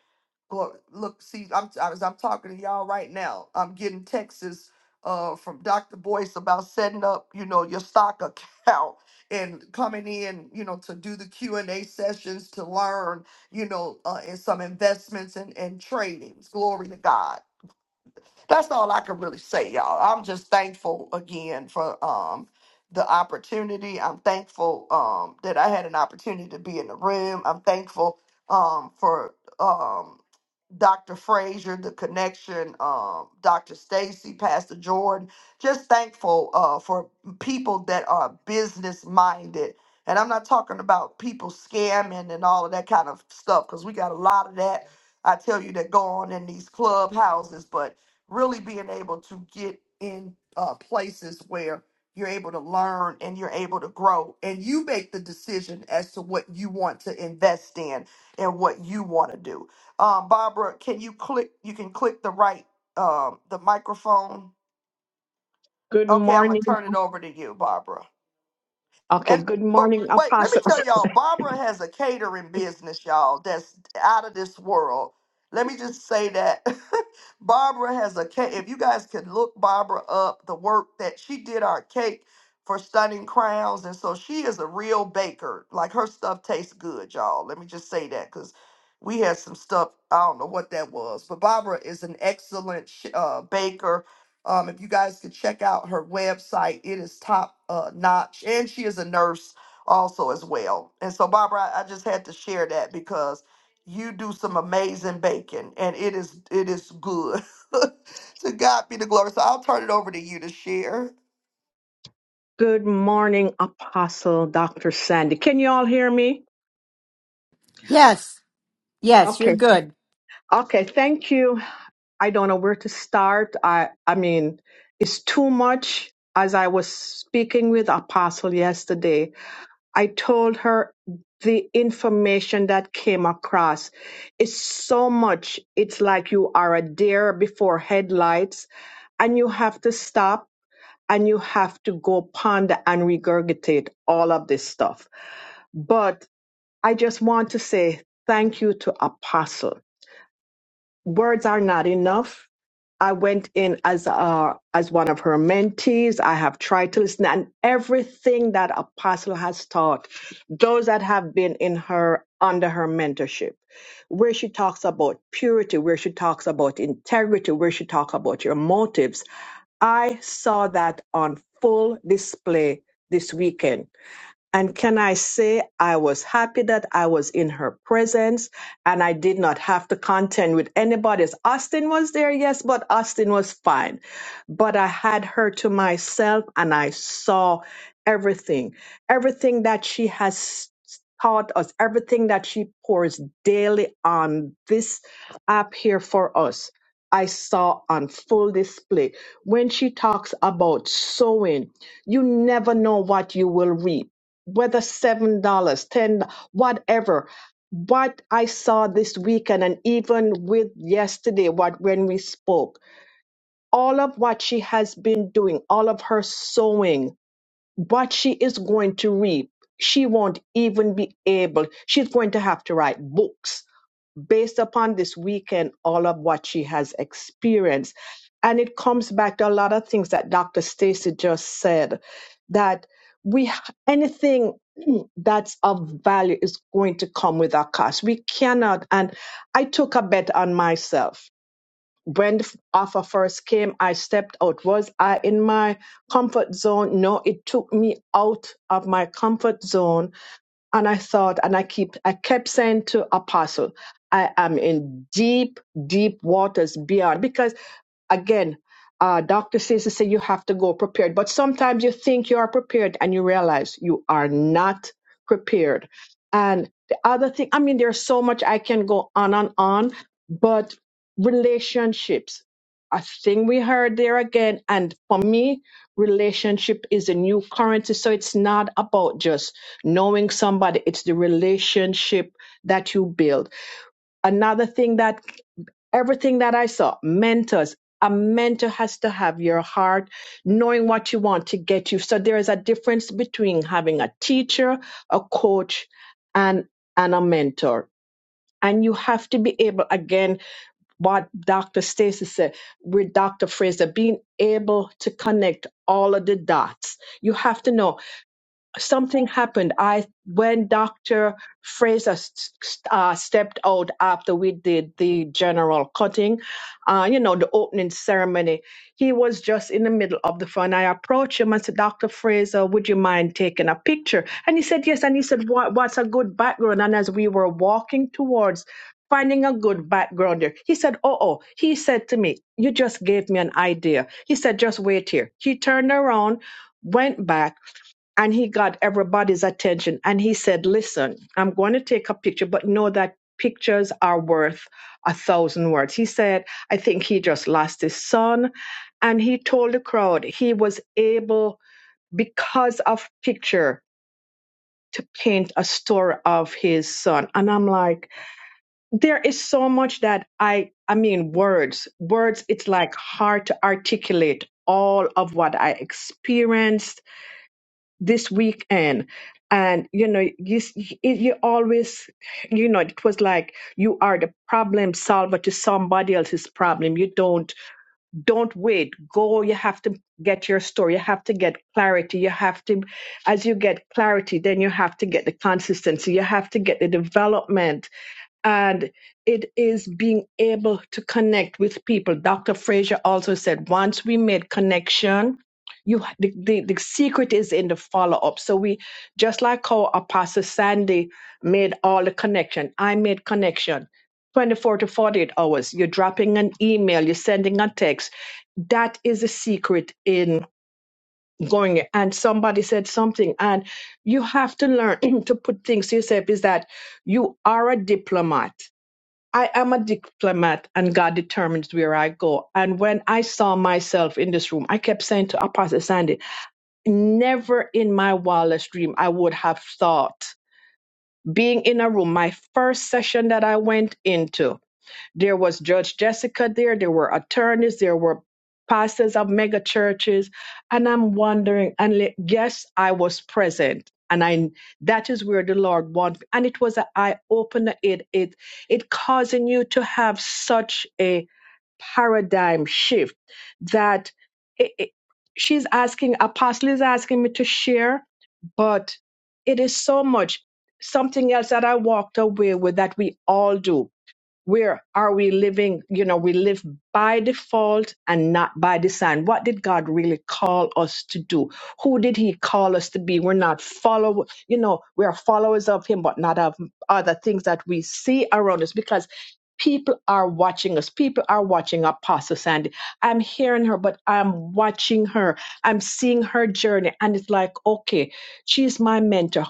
Glory- Look, see, I'm as I'm talking to y'all right now, I'm getting texts uh, from Dr. Boyce about setting up, you know, your stock [LAUGHS] account and coming in, you know, to do the Q and A sessions to learn, you know, uh, and some investments and and tradings. Glory to God that's all I can really say, y'all. I'm just thankful again for um the opportunity. I'm thankful um that I had an opportunity to be in the room. I'm thankful um for um Dr. Frazier, the connection, um, Dr. Stacy, Pastor Jordan. Just thankful uh for people that are business minded. And I'm not talking about people scamming and all of that kind of stuff, because we got a lot of that. I tell you that go on in these clubhouses, but really being able to get in uh, places where you're able to learn and you're able to grow and you make the decision as to what you want to invest in and what you want to do um, barbara can you click you can click the right um, the microphone
Good
okay i'm gonna
morning.
turn it over to you barbara
Okay,
and
good
but
morning,
wait, let me
Apostle.
tell y'all, Barbara has a catering business, y'all, that's out of this world. Let me just say that [LAUGHS] Barbara has a cake. If you guys could look Barbara up, the work that she did our cake for Stunning Crowns, and so she is a real baker. Like her stuff tastes good, y'all. Let me just say that because we had some stuff. I don't know what that was, but Barbara is an excellent sh- uh, baker um, if you guys could check out her website, it is top uh, notch, and she is a nurse also as well. And so, Barbara, I, I just had to share that because you do some amazing baking, and it is it is good. [LAUGHS] to God be the glory. So I'll turn it over to you to share.
Good morning, Apostle Dr. Sandy. Can you all hear me?
Yes, yes, you're
Okay.
good.
Okay, thank you. I don't know where to start. I I mean, it's too much as I was speaking with Apostle yesterday. I told her the information that came across is so much. It's like you are a deer before headlights and you have to stop and you have to go ponder and regurgitate all of this stuff. But I just want to say thank you to Apostle. Words are not enough. I went in as uh, as one of her mentees. I have tried to listen, and everything that Apostle has taught, those that have been in her under her mentorship, where she talks about purity, where she talks about integrity, where she talks about your motives, I saw that on full display this weekend. And can I say I was happy that I was in her presence and I did not have to contend with anybody. else. Austin was there, yes, but Austin was fine. But I had her to myself and I saw everything, everything that she has taught us, everything that she pours daily on this app here for us. I saw on full display when she talks about sowing, you never know what you will reap whether seven dollars, ten, whatever. What I saw this weekend, and even with yesterday, what when we spoke, all of what she has been doing, all of her sowing, what she is going to reap, she won't even be able. She's going to have to write books based upon this weekend, all of what she has experienced. And it comes back to a lot of things that Dr. Stacy just said that we anything [CLEARS THROAT] that's of value is going to come with a cost. We cannot. And I took a bet on myself. When the offer first came, I stepped out. Was I in my comfort zone? No, it took me out of my comfort zone and I thought, and I keep, I kept saying to Apostle, I am in deep, deep waters beyond because Again, uh, doctor says to say you have to go prepared, but sometimes you think you are prepared and you realize you are not prepared. And the other thing, I mean, there's so much I can go on and on, but relationships, a thing we heard there again. And for me, relationship is a new currency. So it's not about just knowing somebody, it's the relationship that you build. Another thing that everything that I saw, mentors. A mentor has to have your heart, knowing what you want to get you. So there is a difference between having a teacher, a coach, and and a mentor. And you have to be able, again, what Dr. Stacy said with Dr. Fraser, being able to connect all of the dots. You have to know something happened. I when Doctor Fraser s- s- uh, stepped out after we did the general cutting, uh, you know, the opening ceremony, he was just in the middle of the fun. I approached him and said, "Doctor Fraser, would you mind taking a picture?" And he said, "Yes." And he said, what, "What's a good background?" And as we were walking towards. Finding a good background there. He said, Oh, oh, he said to me, You just gave me an idea. He said, Just wait here. He turned around, went back, and he got everybody's attention and he said listen i'm going to take a picture but know that pictures are worth a thousand words he said i think he just lost his son and he told the crowd he was able because of picture to paint a story of his son and i'm like there is so much that i i mean words words it's like hard to articulate all of what i experienced this weekend and you know you you always you know it was like you are the problem solver to somebody else's problem you don't don't wait go you have to get your story you have to get clarity you have to as you get clarity then you have to get the consistency you have to get the development and it is being able to connect with people. Dr. Frazier also said once we made connection, you the, the, the secret is in the follow up. So we just like how Apostle Sandy made all the connection. I made connection. 24 to 48 hours, you're dropping an email, you're sending a text. That is the secret in going. And somebody said something, and you have to learn [CLEARS THROAT] to put things to yourself is that you are a diplomat I am a diplomat and God determines where I go. And when I saw myself in this room, I kept saying to Apostle Sandy, never in my wildest dream I would have thought being in a room, my first session that I went into. There was Judge Jessica there. There were attorneys. There were pastors of mega churches. And I'm wondering, and le- yes, I was present. And I, that is where the Lord wanted. And it was an eye opener. It, it, it causing you to have such a paradigm shift that it, it- she's asking, Apostle is asking me to share, but it is so much something else that I walked away with that we all do where are we living you know we live by default and not by design what did god really call us to do who did he call us to be we're not follow you know we are followers of him but not of other things that we see around us because people are watching us people are watching apostle sandy i'm hearing her but i'm watching her i'm seeing her journey and it's like okay she's my mentor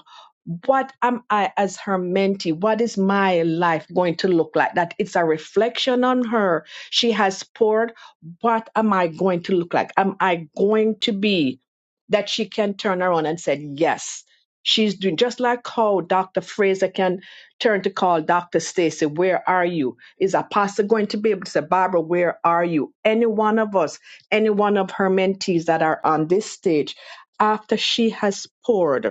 what am I as her mentee? What is my life going to look like? That it's a reflection on her. She has poured. What am I going to look like? Am I going to be that she can turn around and say, yes, she's doing just like how Dr. Fraser can turn to call Dr. Stacy, where are you? Is Apostle going to be able to say, Barbara, where are you? Any one of us, any one of her mentees that are on this stage, after she has poured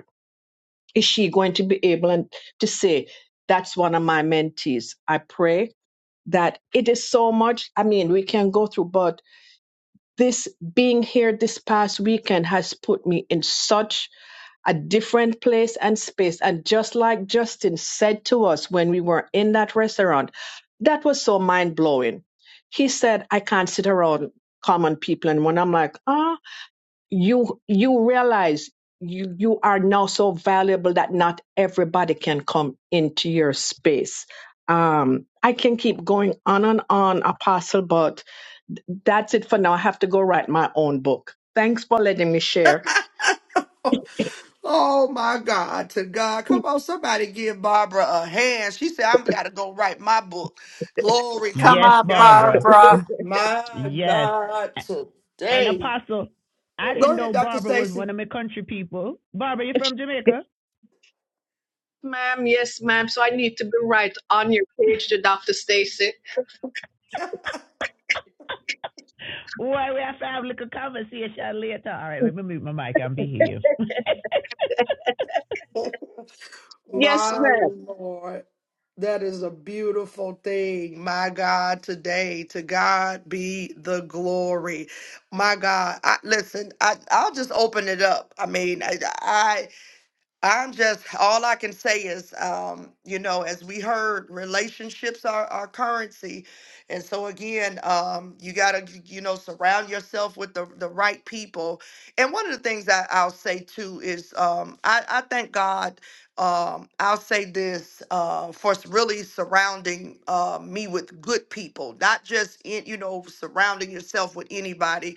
is she going to be able and to say that's one of my mentees i pray that it is so much i mean we can go through but this being here this past weekend has put me in such a different place and space and just like justin said to us when we were in that restaurant that was so mind-blowing he said i can't sit around common people and when i'm like ah you you realize you you are now so valuable that not everybody can come into your space um i can keep going on and on apostle but that's it for now i have to go write my own book thanks for letting me share
Oh my God, to God. Come on, somebody give Barbara a hand. She said, I'm gotta go write my book. Glory to
Come
Yes,
on,
God.
Barbara.
Barbara.
My
Yes.
God
an
today.
apostle. I
Ooh,
didn't
Go ahead,
know
Dr.
Barbara was
Stacy.
one of my country people. Barbara, you
yes,
from Jamaica?
ma'am yes ma'am so i need to be right on your page to dr stacy
Why we have to have a little conversation later. All right, let me mute my mic and behave.
yes
My
ma'am
Lord, that is a beautiful thing. My God, today, to God be the glory. My God, I, listen, I, I'll just open it up. I mean, I. I'm just, all I can say is, um, you know, as we heard, relationships are our currency. And so again, um, you gotta, y- you know, surround yourself with the, the right people. And one of the things I, I'll say too is, um, I, I thank God, um, I'll say this, uh, for s- really surrounding, uh, me with good people, not just in, you know, surrounding yourself with anybody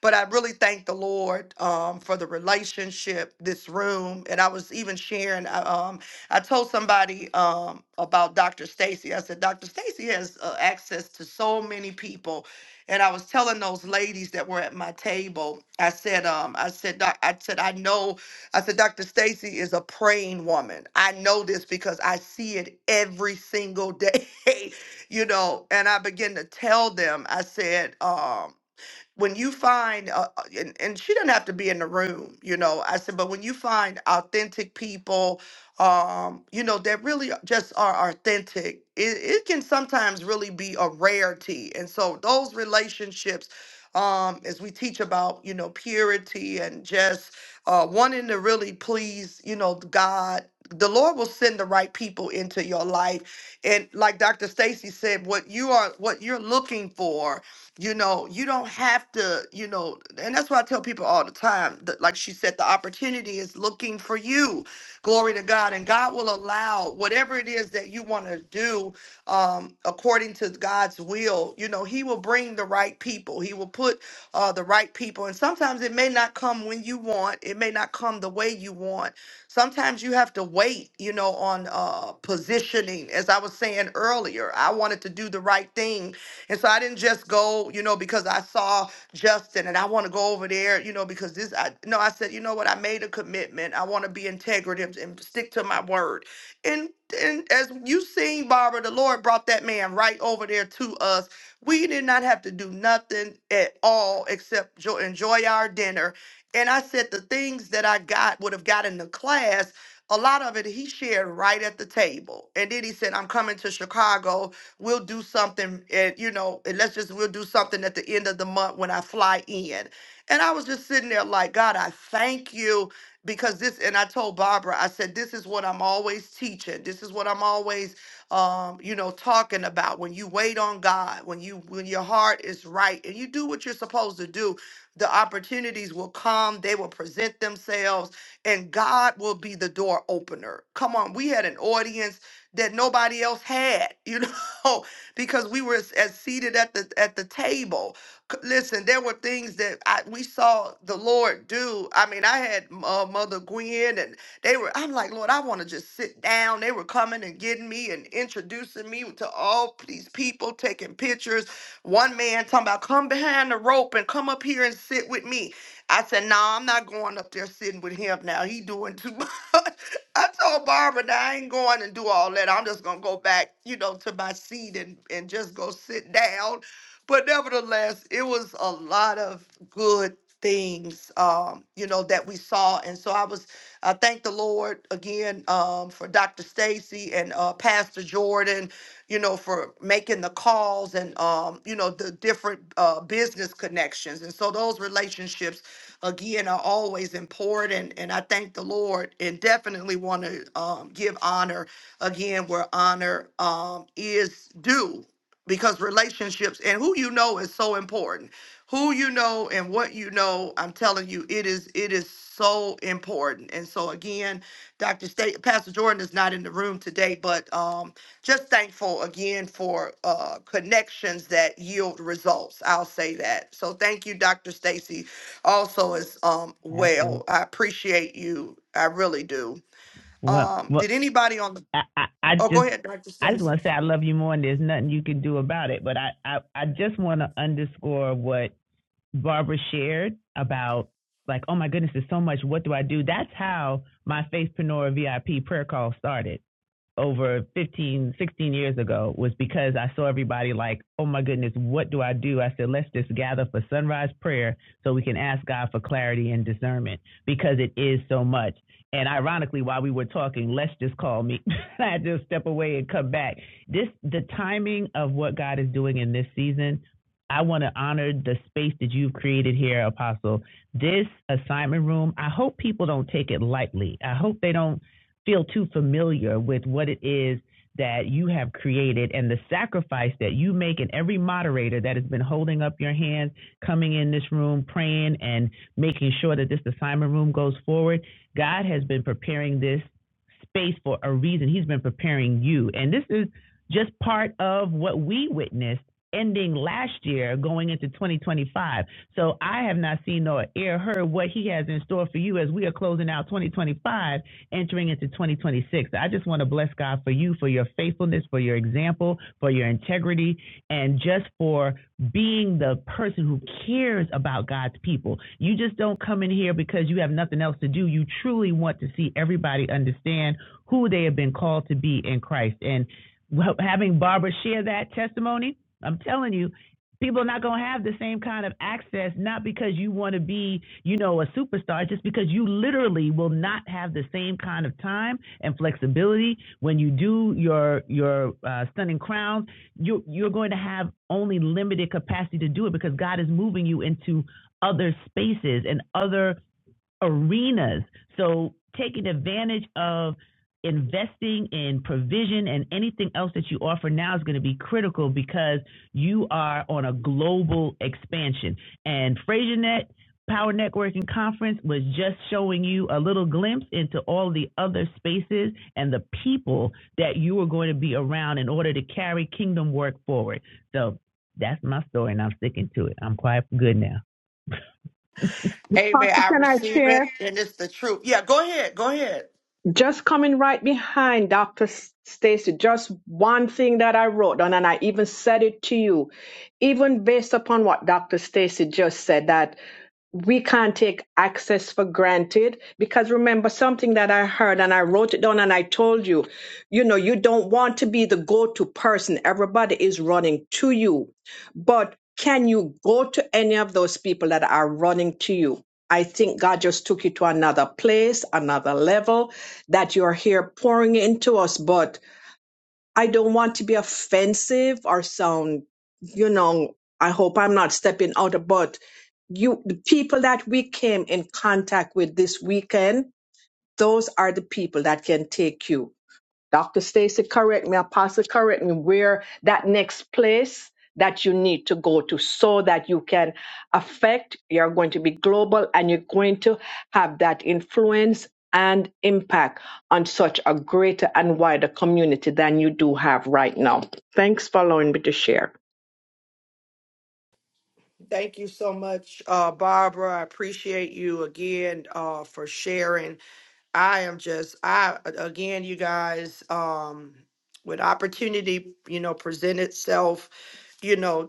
but I really thank the Lord um, for the relationship, this room. And I was even sharing, I, um, I told somebody um, about Dr. Stacy. I said, Dr. Stacy has uh, access to so many people. And I was telling those ladies that were at my table, I said, um, I said, "Doc," I said, I know I said, Dr. Stacy is a praying woman. I know this because I see it every single day, [LAUGHS] you know. And I begin to tell them, I said, um, when you find uh, uh, and, and she doesn't have to be in the room you know i said but when you find authentic people um you know that really just are authentic it, it can sometimes really be a rarity and so those relationships um as we teach about you know purity and just uh wanting to really please you know god the lord will send the right people into your life and like dr stacy said what you are what you're looking for you know you don't have to you know and that's why i tell people all the time that like she said the opportunity is looking for you glory to god and god will allow whatever it is that you want to do um according to god's will you know he will bring the right people he will put uh the right people and sometimes it may not come when you want it may not come the way you want sometimes you have to wait you know on uh positioning as i was saying earlier i wanted to do the right thing and so I didn't just go, you know, because I saw Justin and I want to go over there, you know, because this, I, no, I said, you know what? I made a commitment. I want to be integrative and stick to my word. And, and as you seen, Barbara, the Lord brought that man right over there to us. We did not have to do nothing at all except jo- enjoy our dinner. And I said the things that I got would have gotten the class a lot of it he shared right at the table. And then he said, I'm coming to Chicago we'll do something and you know and let's just we'll do something at the end of the month when i fly in and i was just sitting there like god i thank you because this and i told barbara i said this is what i'm always teaching this is what i'm always um, you know talking about when you wait on god when you when your heart is right and you do what you're supposed to do the opportunities will come they will present themselves and god will be the door opener come on we had an audience that nobody else had. You know [LAUGHS] know [LAUGHS] because we were as as seated at the at the table. C- Listen, there were things that I, we saw the Lord do. I mean, I had uh, Mother Gwen, and they were. I'm like, Lord, I want to just sit down. They were coming and getting me and introducing me to all these people, taking pictures. One man talking about, come behind the rope and come up here and sit with me. I said, No, nah, I'm not going up there sitting with him now. He doing too much. [LAUGHS] I told Barbara that I ain't going and do all that. I'm just gonna go back, you know, to my seat and, and just go sit down. But nevertheless, it was a lot of good things, um, you know, that we saw. And so I was, I thank the Lord again um, for Dr. Stacy and uh, Pastor Jordan, you know, for making the calls and, um, you know, the different uh, business connections. And so those relationships again are always important. And I thank the Lord and definitely want to um, give honor again where honor um, is due because relationships and who you know is so important. Who you know and what you know, I'm telling you, it is it is so important. And so again, Dr. State Pastor Jordan is not in the room today, but um just thankful again for uh, connections that yield results. I'll say that. So thank you, Dr. Stacy, also as um
[LAUGHS] Absolutely.
well. I appreciate you. I really do.
Well,
Um,
well,
did anybody on the
I, I, I
oh go
just,
ahead, Dr.
I just
Stacy.
want to say I love you more, and there's nothing you can do about it. But I, I, I just want to underscore what Barbara shared about, like, oh my goodness, there's so much. What do I do? That's how my Faithpreneur VIP prayer call started. over 15, 16 years ago was because I saw everybody like, oh my goodness, what do I do? I said, let's just gather for sunrise prayer so we can ask God for clarity and discernment because it is so much. And ironically, while we were talking, let's just call me. [LAUGHS] I just step away and come back. This, the timing of what God is doing in this season, I want to honor the space that you've created here, Apostle. This assignment room, I hope people don't take it lightly. I hope they don't feel too familiar with what it is that you have created and the sacrifice that you make and every moderator that has been holding up your hand coming in this room praying and making sure that this assignment room goes forward god has been preparing this space for a reason he's been preparing you and this is just part of what we witnessed ending last year going into 2025 so i have not seen nor ear heard what he has in store for you as we are closing out 2025 entering into 2026. I just want to bless God for you, for your faithfulness, for your example, for your integrity, and just for being the person who cares about God's people. You just don't come in here because you have nothing else to do. You truly want to see everybody understand who they have been called to be in Christ. And well, having Barbara share that testimony, I'm telling you, people are not going to have the same kind of access not because you want to be you know a superstar just because you literally will not have the same kind of time and flexibility when you do your your uh, stunning crowns you you're going to have only limited capacity to do it because god is moving you into other spaces and other arenas. So taking advantage of investing in provision and anything else that you offer now is going to be critical because you are on a global expansion. And FraserNet Power Networking Conference was just showing you a little glimpse into all the other spaces and the people that you are going to be around in order to carry kingdom work forward. So that's my story and I'm sticking to it. I'm quite good now.
Amen.
apostle
I
can i
receive it
share
and it's the truth. Yeah, go ahead, go ahead.
Just coming right behind Dr. Stacy, just one thing that I wrote down, and I even said it to you, even based upon what Dr. Stacy just said, that we can't take access for granted. Because remember something that I heard and I wrote it down and I told you, you know, you don't want to be the go to person. Everybody is running to you. But can you go to any of those people that are running to you? I think God just took you to another place, another level that you're here pouring into us, but I don't want to be offensive or sound, you know, I hope I'm not stepping out, but you, the people that we came in contact with this weekend, those are the people that can take you. Dr. Stacy, correct me, Apostle, correct me, where that next place that you need to go to so that you can affect, you're going to be global and you're going to have that influence and impact on such a greater and wider community than you do have right now. Thanks for allowing me to share.
Thank you so much, uh, Barbara. I appreciate you again uh, for sharing. I am just I again, you guys, um, when opportunity, you know, present itself, you know.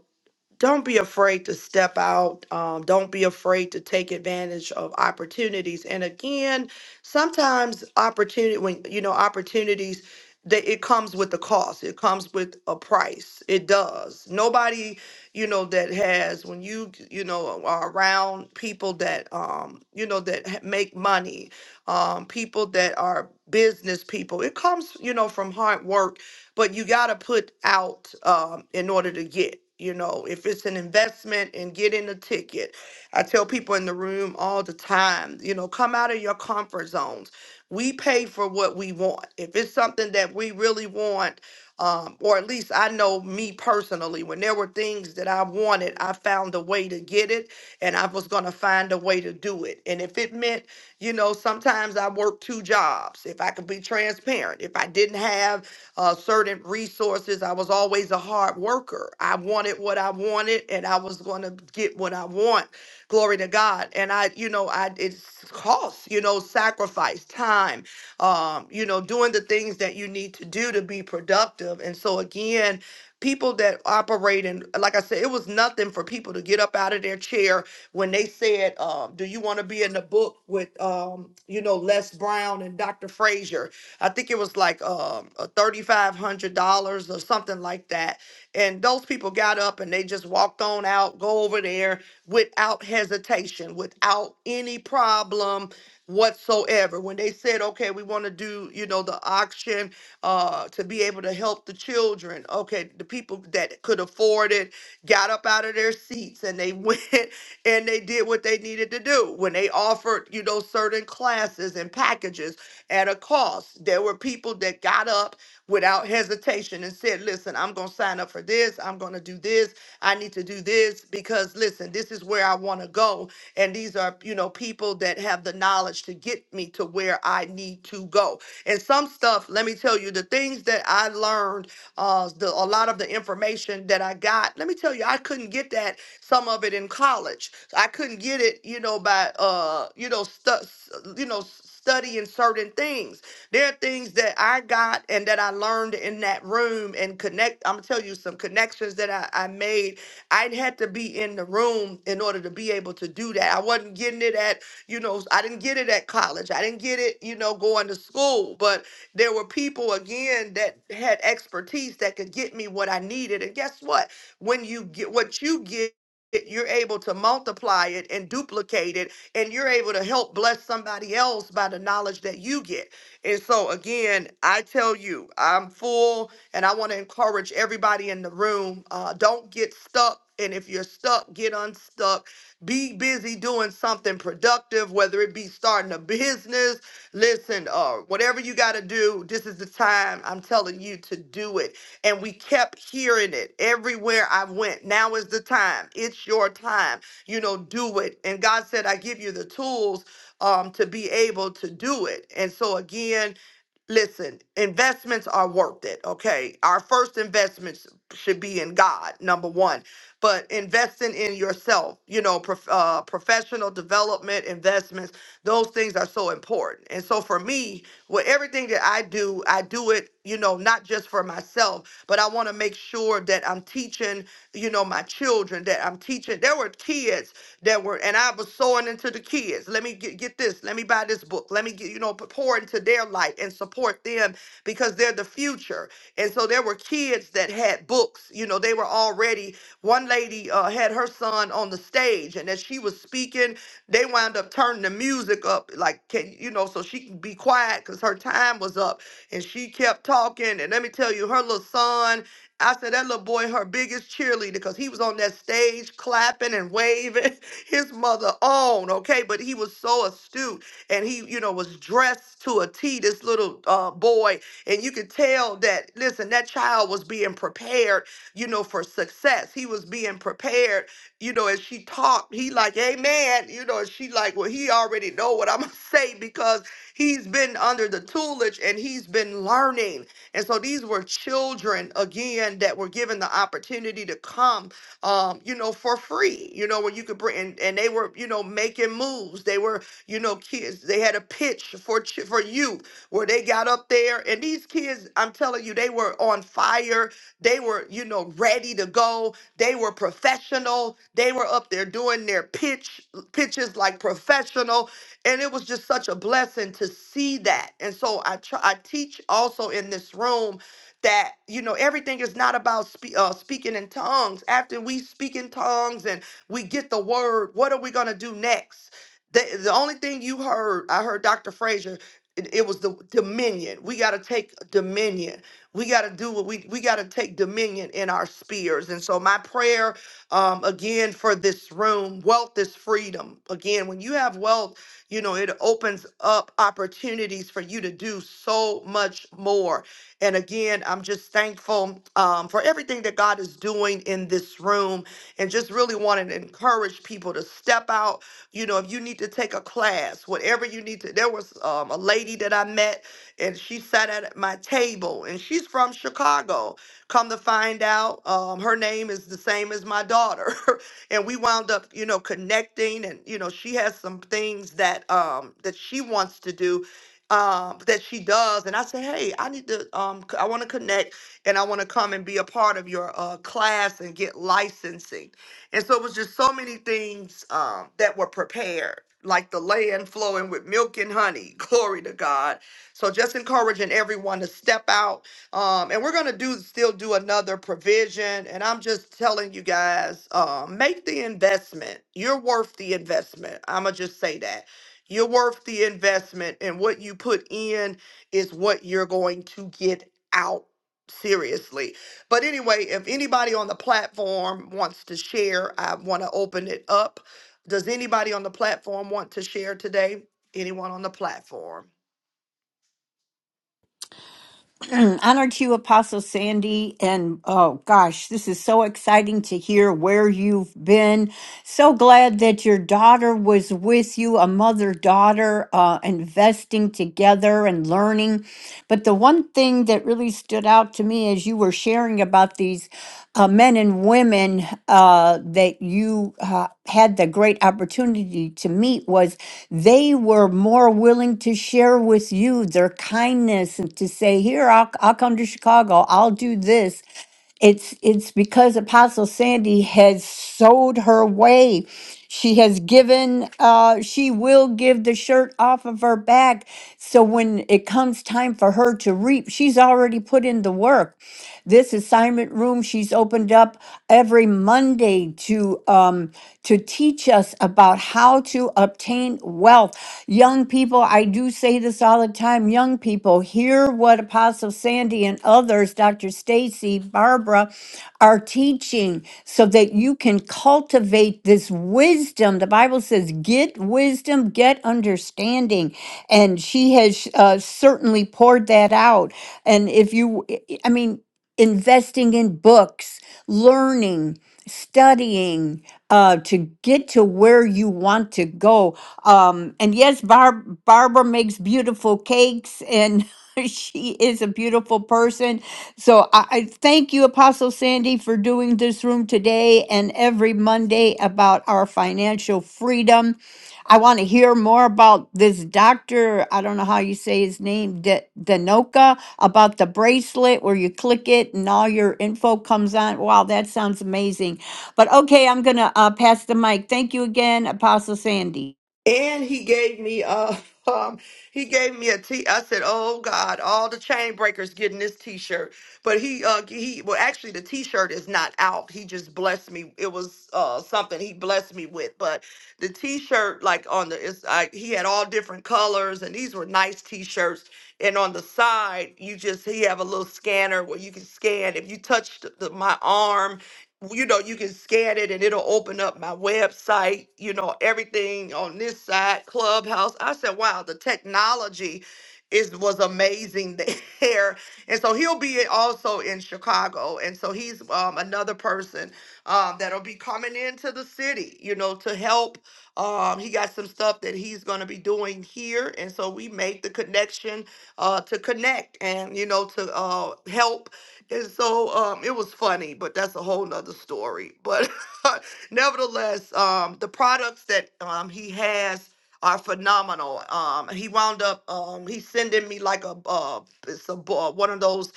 don't be afraid to step out. Um, don't be afraid to take advantage of opportunities. And again, sometimes opportunity when you know opportunities that it comes with the cost. It comes with a price. It does. Nobody, you know, that has when you you know are around people that um you know that ha- make money, um people that are business people. It comes you know from hard work but you got to put out um, in order to get. You know, if it's an investment and getting a ticket, I tell people in the room all the time, you know, come out of your comfort zones. We pay for what we want. If it's something that we really want, um, or at least I know me personally, when there were things that I wanted, I found a way to get it and I was going to find a way to do it. And if it meant you know, sometimes I worked two jobs. If I could be transparent, if I didn't have uh, certain resources. I was always a hard worker. I wanted what I wanted, and I was going to get what I want. Glory to God. And I, you know, I it costs, you know, sacrifice, time, um, you know, doing the things that you need to do to be productive. And so again, People that operate in, like I said, it was nothing for people to get up out of their chair when they said, um, "Do you want to be in the book with, um, you know, Les Brown and Dr. Frazier?" I think it was like um, thirty five hundred dollars or something like that and those people got up and they just walked on out, go over there without hesitation, without any problem whatsoever. When they said, okay, we want to do, you know, the auction uh, to be able to help the children, okay, the people that could afford it got up out of their seats and they [LAUGHS] went and they did what they needed to do. When they offered, you know, certain classes and packages at a cost, there were people that got up without hesitation and said, Listen, I'm going to sign up for this. I'm going to do this. I need to do this because, listen, this is where I want to go. And these are, you know, people that have the knowledge to get me to where I need to go. And some stuff, let me tell you, the things that I learned, uh, the, a lot of the information that I got, let me tell you, I couldn't get that, some of it in college. I couldn't get it, you know, by, uh, you know, stuff, you know, s- studying certain things. There are things that I got and that I learned in that room and connect. I'm gonna tell you some connections that I, I made. I had to be in the room in order to be able to do that. I wasn't getting it at, you know, I didn't get it at college. I didn't get it, you know, going to school. But there were people again that had expertise that could get me what I needed. And guess what? When you get what you get, you're able to multiply it and duplicate it and you're able to help bless somebody else by the knowledge that you get and so, again, I tell you, I'm full, and I want to encourage everybody in the room uh, don't get stuck. And if you're stuck, get unstuck. Be busy doing something productive, whether it be starting a business. Listen, uh, whatever you got to do, this is the time I'm telling you to do it. And we kept hearing it everywhere I went. Now is the time. It's your time. You know, do it. And God said, I give you the tools um, to be able to do it. And so, again, listen, investments are worth it, okay? Our first investments should be in God, number one, but investing in yourself, you know, prof- uh, professional development investments, those things are so important. And so, for me, well, everything that I do, I do it, you know, not just for myself, but I want to make sure that I'm teaching, you know, my children, that I'm teaching. There were kids that were, and I was sowing into the kids. Let me get, get this. Let me buy this book. Let me get, you know, p- pour into their life and support them because they're the future. And so there were kids that had books, you know, they were already, one lady uh, had her son on the stage and as she was speaking, they wound up turning the music up, like can you know, so she can be quiet because her time was up, and she kept talking. And let me tell you, her little son, I said that little boy, her biggest cheerleader, because he was on that stage clapping and waving [LAUGHS] his mother on, okay. But he was so astute, and he, you know, was dressed to a T. This little uh, boy, and you could tell that. Listen, that child was being prepared you know, for success. He was being prepared you know, as she talked, he like, Amen. You know, and she like, well, he already know what I'm gonna [LAUGHS] say because he's been under the tutelage and he's been learning. And so these were children again that were given the opportunity to come um, you know, for free, you know, where you could bring and, and they were, you know, making moves. They were, you know, kids, they had a pitch for ch- for youth where they got up there and these kids, I'm telling you, they were on fire they were, you know, ready to go. They were professional. They were up there doing their pitch pitches like professional, and it was just such a blessing to see that. And so I try, I teach also in this room that you know everything is not about spe- uh, speaking in tongues. After we speak in tongues and we get the word, what are we gonna do next? The, the only thing you heard, I heard Dr. Frazier, it, it was the dominion. We got to take dominion we got to do what we we got to take dominion in our spheres. And so my prayer um again for this room, wealth is freedom. Again, when you have wealth, you know, it opens up opportunities for you to do so much more. And again, I'm just thankful um, for everything that God is doing in this room and just really wanting to encourage people to step out. You know, if you need to take a class, whatever you need to, there was um, a lady that I met and she sat at my table and she's from Chicago. Come to find out, um, her name is the same as my daughter. [LAUGHS] and we wound up, you know, connecting and you know, she has some things that um that she wants to do um that she does and I say, "Hey, I need to um c- I want to connect and I want to come and be a part of your uh class and get licensing." And so it was just so many things um that were prepared, like the land flowing with milk and honey. [LAUGHS] Glory to God so just encouraging everyone to step out. Um, and we're gonna do still do another provision. And I'm just telling you guys, uh, make the investment. You're worth the investment. I'ma just say that. You're worth the investment, and what you put in is what you're going to get out. Seriously. But anyway, if anybody on the platform wants to share, I want to open it up. Does anybody on the platform want to share today? Anyone on the platform?
[CLEARS THROAT] Honor to you, Apostle Sandy. And oh gosh, this is so exciting to hear where you've been. So glad that your daughter was with you, a mother daughter, uh, investing together and learning. But the one thing that really stood out to me as you were sharing about these uh, men and women uh, that you uh, had the great opportunity to meet was they were more willing to share with you their kindness and to say here I'll, I'll come to chicago i'll do this it's it's because apostle sandy has sowed her way she has given uh she will give the shirt off of her back so when it comes time for her to reap she's already put in the work this assignment room room she's opened up every Monday to um, to teach us about how to obtain wealth. Young people, I do say this all the time. Young people, hear what Apostle Sandy and others, Dr. Stacy, Barbara, are teaching, so that you can cultivate this wisdom. The Bible says, "Get wisdom, get understanding," and she has uh, certainly poured that out. And if you, I mean investing in books, learning, studying uh, to get to where you want to go. Um, and yes, Barb, Barbara makes beautiful cakes and [LAUGHS] she is a beautiful person. So I, I thank you, Apostle Sandy, for doing this room today and every Monday about our financial freedom. I want to hear more about this doctor. I don't know how you say his name, De- Denoka about the bracelet where you click it and all your info comes on. Wow, that sounds amazing. But okay, I'm going to uh, pass the mic. Thank you again, Apostle Sandy.
And he gave me uh [LAUGHS] um he gave me a t I said, "Oh God, all the chain breakers getting this t-shirt." But he uh he well actually the t-shirt is not out. He just blessed me. It was uh something he blessed me with, but the t-shirt like on the it's I, he had all different colors and these were nice t-shirts. And on the side, you just he have a little scanner where you can scan. If you touch the, the- my arm you know, you can scan it and it'll open up my website, you know, everything on this side, Clubhouse. I said, wow, the technology is was amazing [LAUGHS] there. And so he'll be also in Chicago. And so he's um, another person um, that'll be coming into the city, you know, to help. Um, he got some stuff that he's going to be doing here. And so we make the connection uh, to connect and, you know, to uh, help and so um, it was funny, but that's a whole nother story. But [LAUGHS] nevertheless, um, the products that um, he has are phenomenal. Um, he wound up um, he's sending me like a uh, it's a bo- uh, one of those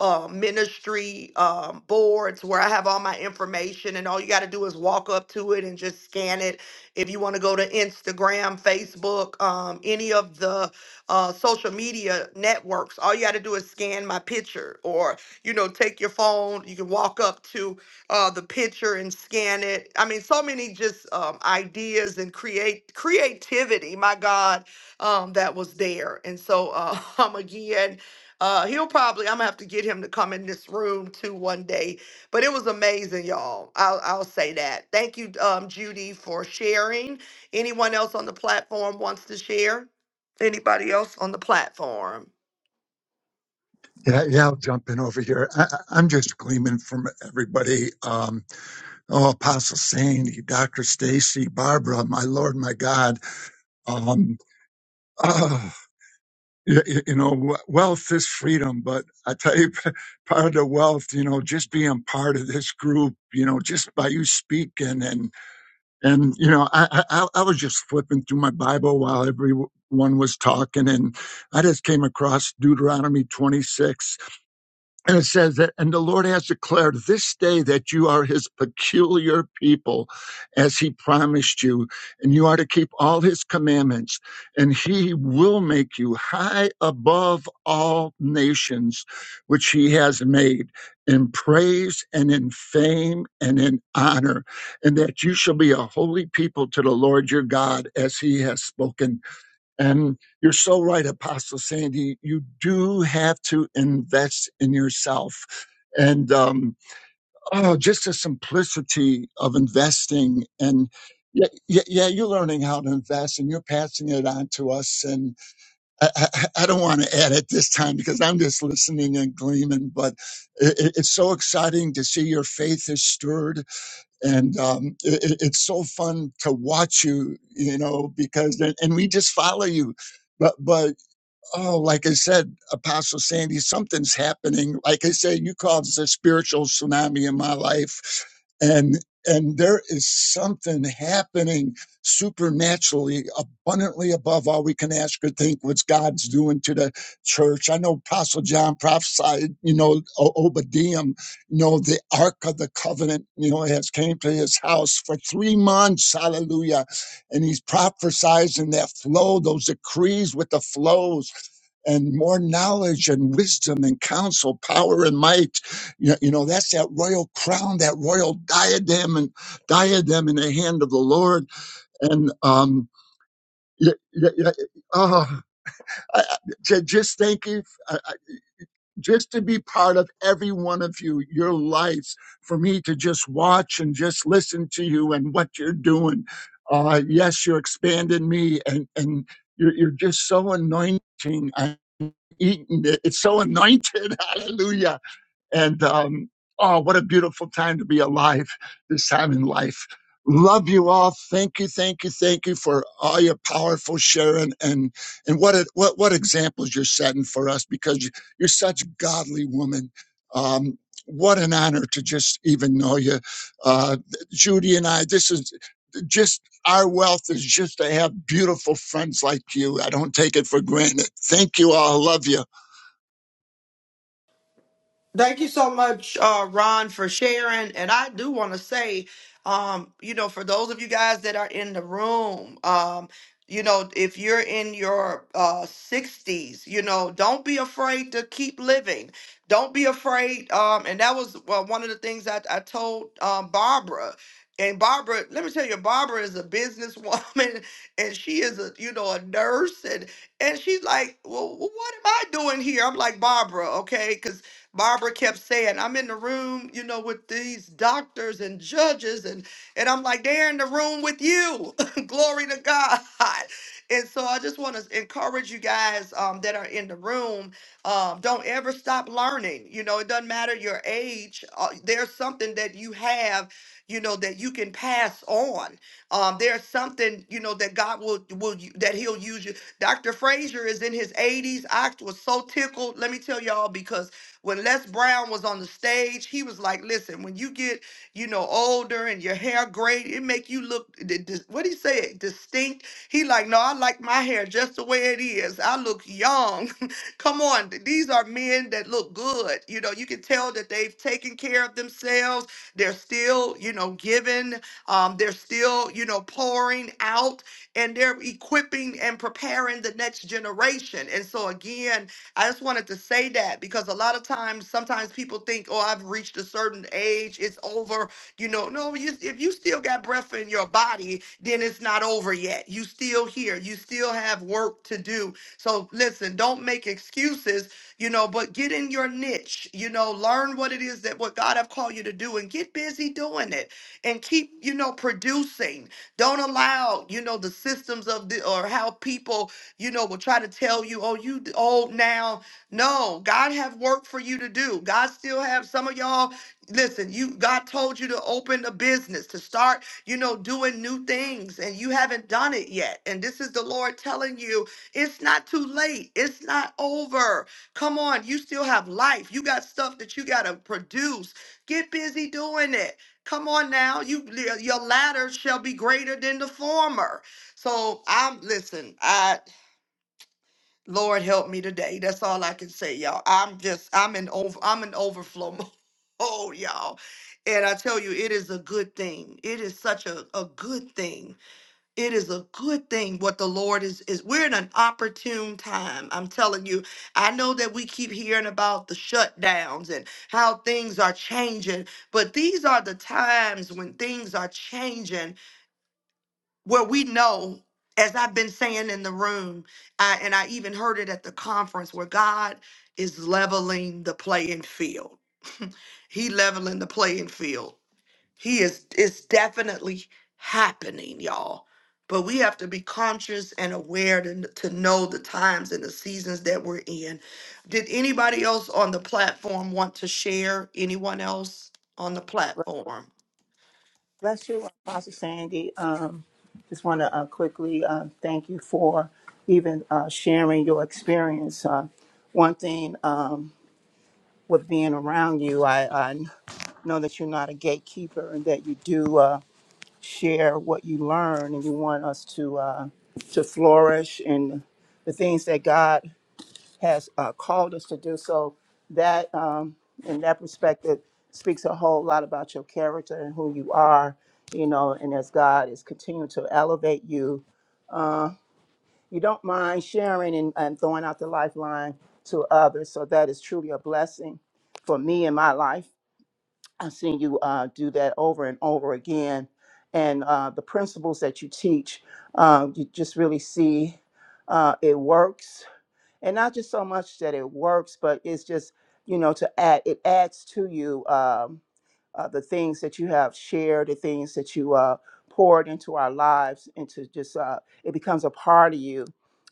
uh, ministry um, boards where I have all my information, and all you got to do is walk up to it and just scan it. If you want to go to Instagram, Facebook, um, any of the uh, social media networks, all you got to do is scan my picture or you know, take your phone, you can walk up to uh, the picture and scan it. I mean, so many just um, ideas and create creativity, my God, um, that was there. And so uh, [LAUGHS] um, again, uh, he'll probably, I'm gonna have to get him to come in this room too one day. But it was amazing, y'all. I'll, I'll say that. Thank you, um, Judy, for sharing. Anyone else on the platform wants to share? Anybody else on the platform?
Yeah, yeah, I'll jump in over here. I, I- I'm just gleaming from everybody. Um, oh, Apostle Sandy, Dr. Stacy, Barbara, my Lord, my God. Um, [CLEARS THROAT] Ah, you, you know, we- wealth is freedom, but I tell you, [LAUGHS] part of the wealth, you know, just being part of this group, you know, just by you speaking and, and, you know, I, I, I was just flipping through my Bible while everyone was talking and I just came across Deuteronomy 26 and it says that, and the Lord has declared this day that you are his peculiar people as he promised you, and you are to keep all his commandments, and he will make you high above all nations which he has made in praise and in fame and in honor, and that you shall be a holy people to the Lord your God as he has spoken and you're so right, Apostle Sandy. You do have to invest in yourself. And um, oh, just the simplicity of investing. And yeah, yeah, yeah, you're learning how to invest and you're passing it on to us. And I, I, I don't want to add at this time because I'm just listening and gleaming, but it, it's so exciting to see your faith is stirred and um, it, it's so fun to watch you you know because and we just follow you but but oh, like I said, Apostle Sandy, something's happening. Like I said, you called this a spiritual tsunami in my life. And and there is something happening supernaturally, abundantly above all we can ask or think. What God's doing to the church? I know Apostle John prophesied, you know, O- Obadiah, you know, the Ark of the Covenant, you know, has came to his house for three months. Hallelujah! And he's prophesizing that flow, those decrees with the flows and more knowledge and wisdom and counsel, power and might. You know, you know, that's that royal crown, that royal diadem and diadem in the hand of the Lord. And, um, y- y- y- oh, I, I- j- just thank you, I- I- just to be part of every one of you, your lives, for me to just watch and just listen to you and what you're doing. Uh, yes, you're expanding me and, and you're, you're just so anointing eaten it. It's so [LAUGHS] anointed. Hallelujah. And um, oh, what a beautiful time to be alive this time in life. Love you all. Thank you, thank you, thank you for all your powerful sharing and and what it, what what examples you're setting for us because you- you're such a godly woman. Um, what an honor to just even know you, uh, Judy and I. This is just our wealth is just to have beautiful friends like you. I don't take it for granted. Thank you all. I love you.
Thank you so much, uh, Ron, for sharing. And I do want to say, um, you know, for those of you guys that are in the room, um, you know, if you're in your uh, 60s, you know, don't be afraid to keep living. Don't be afraid. Um, and that was well, one of the things I, I told um, Barbara. And Barbara, let me tell you, Barbara is a businesswoman [LAUGHS] and she is a, you know, a nurse and and she's like, "Well, what am I doing here?" I'm like, "Barbara, okay, 'cause Barbara kept saying, I'm in the room, you know, with these doctors and judges. And, and I'm like, they're in the room with you. [LAUGHS] Glory to God. And so I just want to encourage you guys um, that are in the room. Um, don't ever stop learning. You know, it doesn't matter your age. Uh, there's something that you have, you know, that you can pass on. Um, there's something, you know, that God will will u- that He'll use you. Dr. Frazier is in his 80s. I was so tickled. Let me tell y'all because when Les Brown was on the stage, he was like, "Listen, when you get, you know, older and your hair gray, it make you look d- d- what he say, distinct." He like, "No, I like my hair just the way it is. I look young." [LAUGHS] Come on, th- these are men that look good. You know, you can tell that they've taken care of themselves. They're still, you know, giving. Um, they're still, you know, pouring out and they're equipping and preparing the next generation. And so again, I just wanted to say that because a lot of times, sometimes people think, oh, I've reached a certain age, it's over. You know, no, you, if you still got breath in your body, then it's not over yet. You still here. You still have work to do. So listen, don't make excuses, you know, but get in your niche, you know, learn what it is that what God have called you to do and get busy doing it and keep, you know, producing. Don't allow, you know, the systems of the or how people you know, will try to tell you, oh, you d- old now. No, God have work for you to do. God still have some of y'all. Listen, you God told you to open a business, to start, you know, doing new things, and you haven't done it yet. And this is the Lord telling you, it's not too late. It's not over. Come on, you still have life. You got stuff that you gotta produce. Get busy doing it. Come on now, you your latter shall be greater than the former. So I'm listen. I. Lord help me today. That's all I can say, y'all. I'm just I'm in over I'm in overflow [LAUGHS] mode, y'all. And I tell you, it is a good thing. It is such a, a good thing. It is a good thing what the Lord is is we're in an opportune time. I'm telling you. I know that we keep hearing about the shutdowns and how things are changing, but these are the times when things are changing where we know, as I've been saying in the room, I, and I even heard it at the conference, where God is leveling the playing field. [LAUGHS] he leveling the playing field. He is it's definitely happening, y'all. But we have to be conscious and aware to, to know the times and the seasons that we're in. Did anybody else on the platform want to share? Anyone else on the platform?
Bless you, Apostle Sandy. Um, just want to uh, quickly uh, thank you for even uh, sharing your experience. Uh, one thing um, with being around you, I, I know that you're not a gatekeeper and that you do uh, share what you learn, and you want us to uh, to flourish in the things that God has uh, called us to do. So that, um, in that perspective, speaks a whole lot about your character and who you are, you know, and as God is continuing to elevate you, uh, you don't mind sharing and, and throwing out the lifeline to others. So that is truly a blessing for me in my life. I've seen you uh, do that over and over again. And uh, the principles that you teach, uh, you just really see uh, it works and not just so much that it works, but it's just you know to add it adds to you um, uh, the things that you have shared, the things that you uh, poured into our lives, into just uh, it becomes a part of you.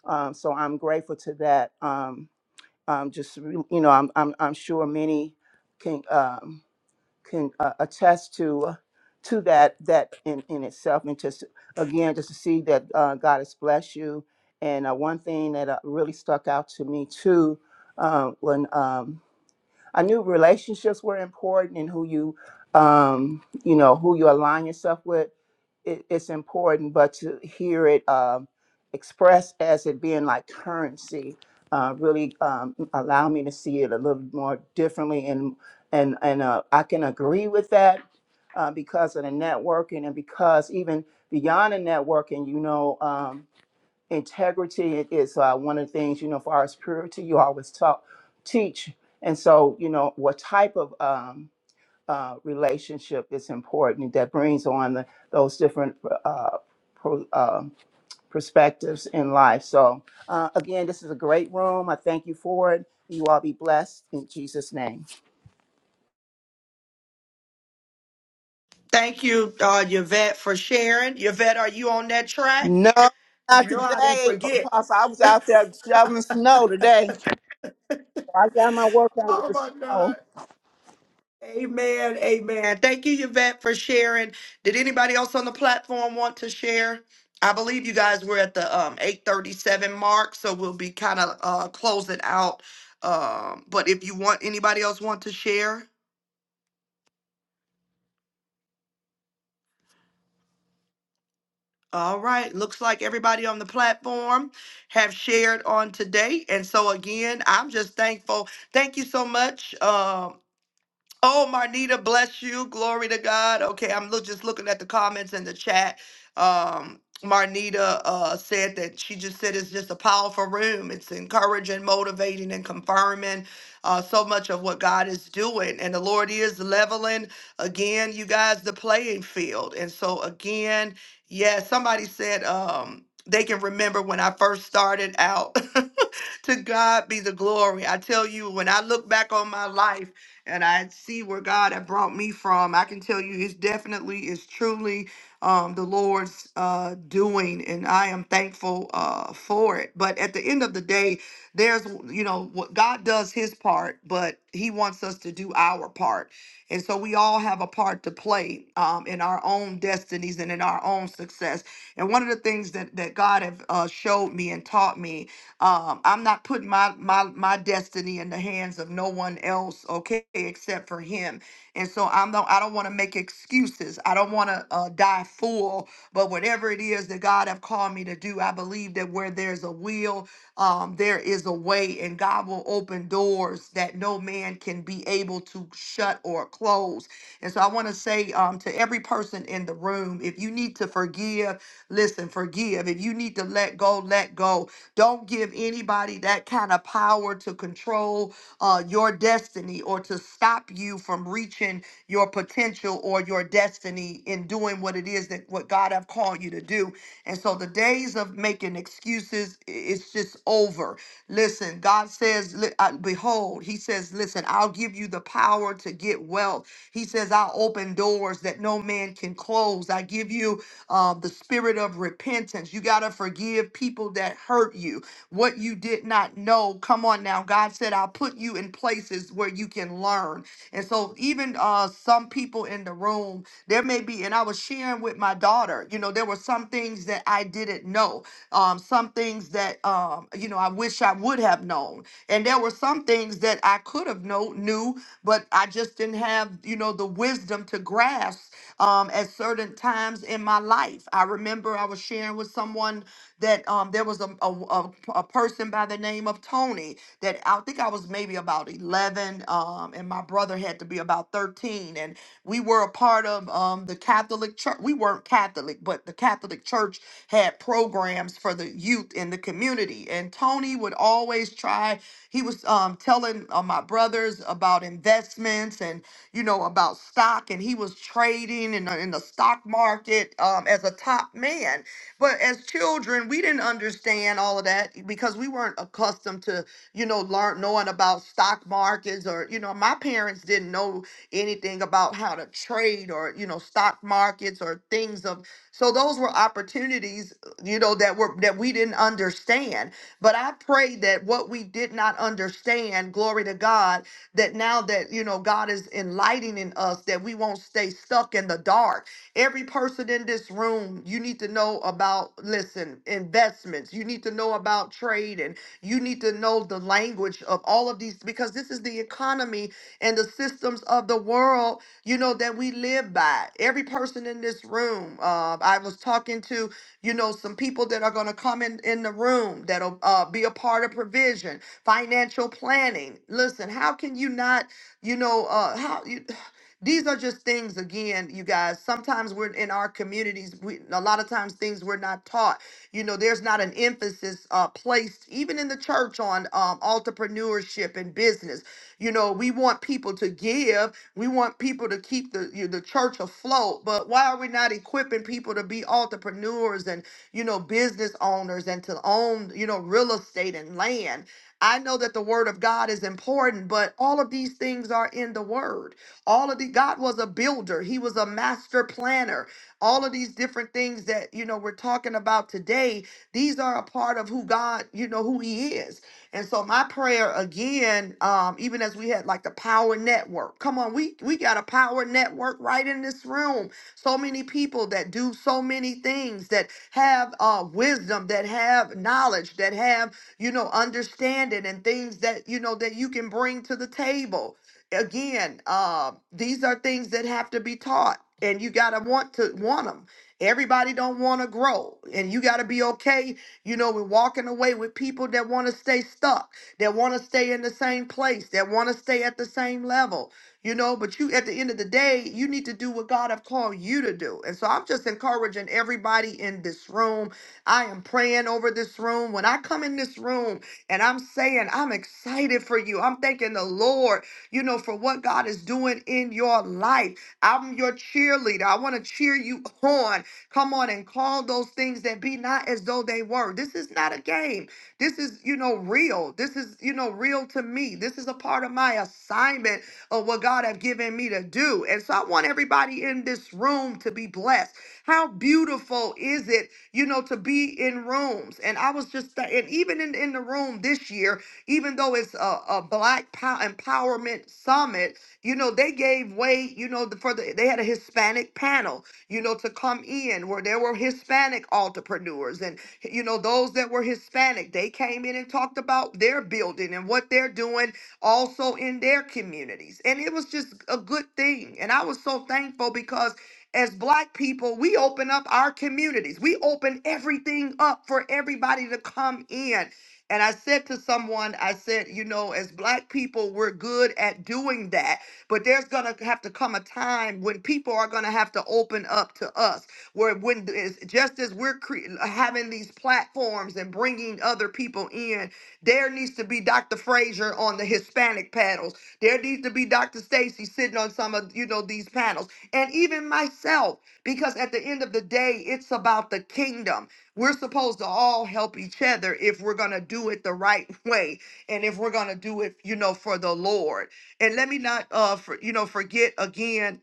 Um, so I'm grateful to that. Um, um, just you know, I'm I'm, I'm sure many can. Um, can uh, attest to uh, to that that in, in itself and just again just to see that uh, god has blessed you and uh, one thing that uh, really stuck out to me too uh, when um, I knew relationships were important and who you, um, you know, who you align yourself with. It, it's important, but to hear it um, expressed as it being like currency uh, really um, allowed me to see it a little more differently, and and and uh, I can agree with that uh, because of the networking and because even beyond the networking, you know. Um, integrity it is uh, one of the things you know for our purity you always talk teach and so you know what type of um, uh, relationship is important that brings on the, those different uh, pro, uh, perspectives in life so uh, again this is a great room i thank you for it you all be blessed in jesus name
Thank you, uh, Yvette, for sharing. Yvette, are you on that track?
no
You
not
know I didn't
today
forget.
apostle i was out there shoveling snow today i got my workout with
Oh
the
my
snow
God. Amen. Amen. Thank you, Yvette, for sharing. Did anybody else on the platform want to share? I believe you guys were at the um, 837 mark, so we'll be kind of uh, closing out. Um, but if you want, anybody else want to share? All right. Looks like everybody on the platform have shared on today. And so again, I'm just thankful. Thank you so much. um, Oh, Marnita, bless you. Glory to God. Okay, I'm look, just looking at the comments in the chat. Um, Marnita uh, said that she just said it's just a powerful room. It's encouraging, motivating, and confirming uh, so much of what God is doing. And the Lord is leveling, again, you guys, the playing field. And so, again, yeah, somebody said um, they can remember when I first started out. [LAUGHS] to God be the glory. I tell you, when I look back on my life, and I see where God had brought me from. I can tell you it's definitely, it's truly um, the Lord's uh, doing, and I am thankful uh, for it. But at the end of the day, there's, you know, what God does his part, but he wants us to do our part. And so we all have a part to play um, in our own destinies and in our own success. And one of the things that, that God have uh, showed me and taught me um, I'm not putting my my my destiny in the hands of no one else, okay, except for Him. And so I'm not, I don't want to make excuses. I don't want to uh, die full. But whatever it is that God have called me to do, I believe that where there's a will, um, there is a way, and God will open doors that no man can be able to shut or close. And so I want to say um, to every person in the room, if you need to forgive, listen, forgive. If you need to let go, let go don't give anybody that kind of power to control uh, your destiny or to stop you from reaching your potential or your destiny in doing what it is that what God have called you to do. And so the days of making excuses, i- it's just over. Listen, God says, li- uh, behold, he says, listen, I'll give you the power to get wealth. He says, I'll open doors that no man can close. I give you uh, the spirit of repentance. You got to forgive people that hurt you what you did not know. Come on now. God said, I'll put you in places where you can learn. And so even uh some people in the room, there may be, and I was sharing with my daughter, you know, there were some things that I didn't know, um, some things that um, you know, I wish I would have known. And there were some things that I could have know knew, but I just didn't have, you know, the wisdom to grasp um at certain times in my life. I remember I was sharing with someone that um there was a a, a, a person by the name of name of Tony that I think I was maybe about 11, um, and my brother had to be about 13. And we were a part of um, the Catholic Church. We weren't Catholic, but the Catholic Church had programs for the youth in the community. And Tony would always try, he was um, telling uh, my brothers about investments and, you know, about stock, and he was trading in, the- in the stock market um, as a top man. But as children, we didn't understand all of that because we weren't accustomed to, you know, learn knowing about stock markets or, you know, my parents didn't know anything about how to trade or, you know, stock markets or things of so those were opportunities, uh, you know, that were that we didn't understand. But I pray that what we did not understand, glory to God, that now that, you know, God is enlightening us, that we won't stay stuck in the dark Every person in this room, you need to know about, listen, investments. You need to know about trading. You need to know the language of all of these because this is the economy and the systems of the world, you know, that we live by. Every person in this room, uh, I was talking to, you know, some people that are going to come in, in the room that'll uh, be a part of provision, financial planning. Listen, how can you not, you know, uh, how you. These are just things, again, you guys. Sometimes we're in our communities, we, a lot of times things we're not taught. You know, there's not an emphasis uh, placed, even in the church, on um, entrepreneurship and business. You know, we want people to give, we want people to keep the, you the church afloat, but why are we not equipping people to be entrepreneurs and, you know, business owners and to own, you know, real estate and land? I know that the word of God is important, but all of these things are in the word. All of the God was a builder, He was a master planner. All of these different things that you know we're talking about today, these are a part of who God, you know, who He is. And so my prayer again, um, even as we had like the power network. Come on, we we got a power network right in this room. So many people that do so many things that have uh wisdom, that have knowledge, that have, you know, understanding and things that, you know, that you can bring to the table again, uh, these are things that have to be taught, and you gotta want to want them. Everybody don't want to grow, and you gotta be okay. You know, we're walking away with people that want to stay stuck, that want to stay in the same place, that want to stay at the same level. You know, but you at the end of the day, you need to do what God have called you to do. And so I'm just encouraging everybody in this room. I am praying over this room. When I come in this room and I'm saying, I'm excited for you. I'm thanking the Lord you know, for what God is doing in your life. I'm your cheerleader. I want to cheer you on. Come on and call those things that be not as though they were. This is not a game. This is, you know, real. This is, you know, real to me. This is a part of my assignment of what God have given me to do. And so I want everybody in this room to be blessed. How beautiful is it, you know, to be in rooms. And I was just, th- and even in, in the room this year, even though it's a, a black pow- empowerment summit you know they gave way you know the, for the they had a hispanic panel you know to come in where there were hispanic entrepreneurs and you know those that were hispanic they came in and talked about their building and what they're doing also in their communities and it was just a good thing and i was so thankful because as black people, we open up our communities. We open everything up for everybody to come in and I said to someone, I said, you know, as black people, we're good at doing that, but there's going to have to come a time when people are going to have to open up to us. Where when it's just as we're cre- having these platforms and bringing other people in, there needs to be Dr. Frazier on the Hispanic panels. There needs to be Dr. Stacy sitting on some of, you know, these panels. And even myself, because at the end of the day, it's about the kingdom. We're supposed to all help each other if we're going to do it the right [LAUGHS] way and if we're going to do it, you know, for the Lord. And let me not uh for, you know, forget again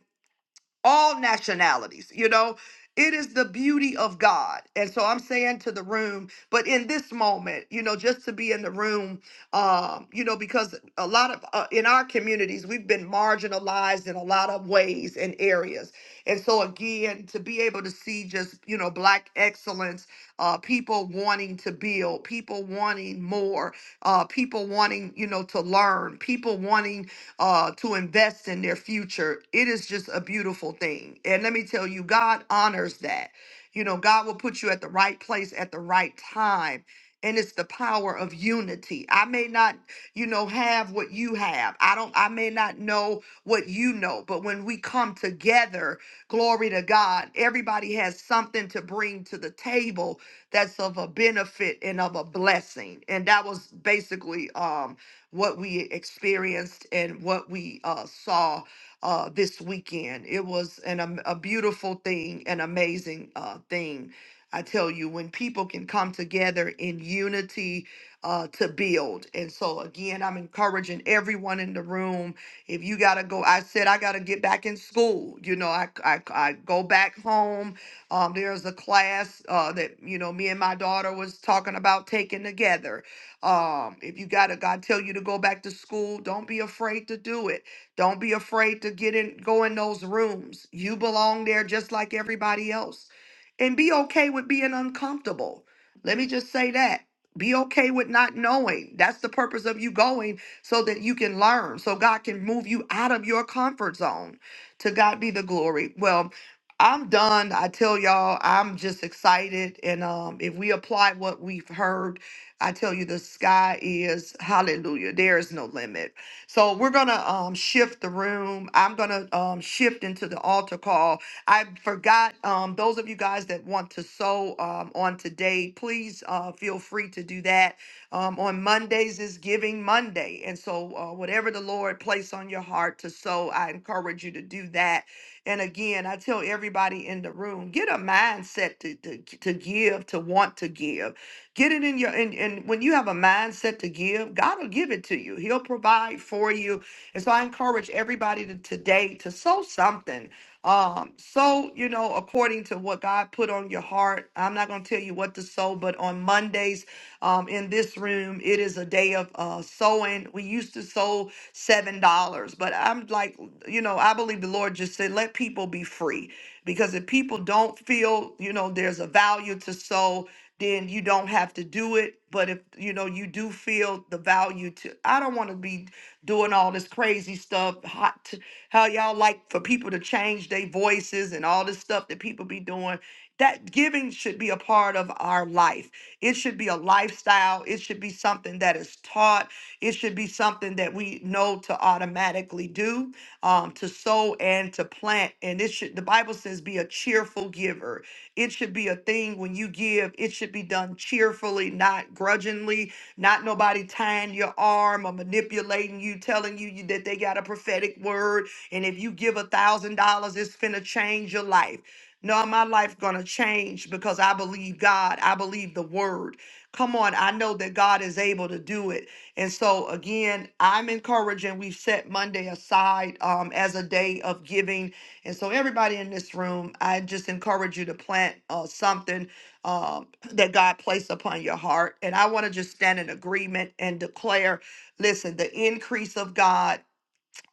all nationalities. You know, it is the beauty of God. And so I'm saying to the room, but in this moment, you know, just to be in the room, um, you know, because a lot of uh, in our communities, we've been marginalized in a lot of ways and areas. And so again, to be able to see just, you know, black excellence, uh, people wanting to build, people wanting more, uh, people wanting, you know, to learn, people wanting uh, to invest in their future. It is just a beautiful thing. And let me tell you, God honors that. You know, God will put you at the right place at the right time. And it's the power of unity. I may not, you know, have what you have. I don't, I may not know what you know, but when we come together, glory to God, everybody has something to bring to the table that's of a benefit and of a blessing. And that was basically, um what we experienced and what we uh, saw uh, this weekend. It was an, am- a beautiful thing, an amazing uh, thing. I tell you, when people can come together in unity uh, to build. And so, again, I'm encouraging everyone in the room. If you got to go, I said I got to get back in school. You know, I, I, I go back home. Um, there's a class uh, that, you know, me and my daughter was talking about taking together um, if you gotta God tell you to go back to school, don't be afraid to do it. Don't be afraid to get in, go in those rooms. You belong there just like everybody else. And be okay with being uncomfortable. Let me just say that. Be okay with not knowing. That's the purpose of you going so that you can learn, so God can move you out of your comfort zone. To God be the glory. Well, I'm done. I tell y'all, I'm just excited. And um, if we apply what we've heard, I tell you, the sky is hallelujah. There is no limit. So we're gonna um, shift the room. I'm gonna um, shift into the altar call. I forgot um, those of you guys that want to sow um, on today. Please uh, feel free to do that. Um, on Mondays is Giving Monday, and so uh, whatever the Lord place on your heart to sow, I encourage you to do that. And again, I tell everybody in the room, get a mindset to, to, to give, to want to give Get it in your and, and when you have a mindset to give, God will give it to you. He'll provide for you. And so I encourage everybody to, today to sow something. Um, so, you know, according to what God put on your heart, I'm not going to tell you what to sow, but on Mondays um, in this room, it is a day of uh, sowing. We used to sow $7, but I'm like, you know, I believe the Lord just said, let people be free. Because if people don't feel, you know, there's a value to sow, then you don't have to do it. But if, you know, you do feel the value to, I don't want to be doing all this crazy stuff, hot how y'all like for people to change their voices and all this stuff that people be doing. That giving should be a part of our life. It should be a lifestyle. It should be something that is taught. It should be something that we know to automatically do, um, to sow and to plant. And it should, the Bible says, be a cheerful giver. It should be a thing when you give, it should be done cheerfully, not grudgingly, not nobody tying your arm or manipulating you, telling you you- that they got a prophetic word and if you give a thousand dollars, it's finna change your life. No, my life gonna change because I believe God. I believe the word. Come on, I know that God is able to do it. And so again, I'm encouraging. We've set Monday aside um, as a day of giving. And so everybody in this room, I just encourage you to plant uh, something um, that God placed upon your heart. And I want to just stand in agreement and declare, listen, the increase of God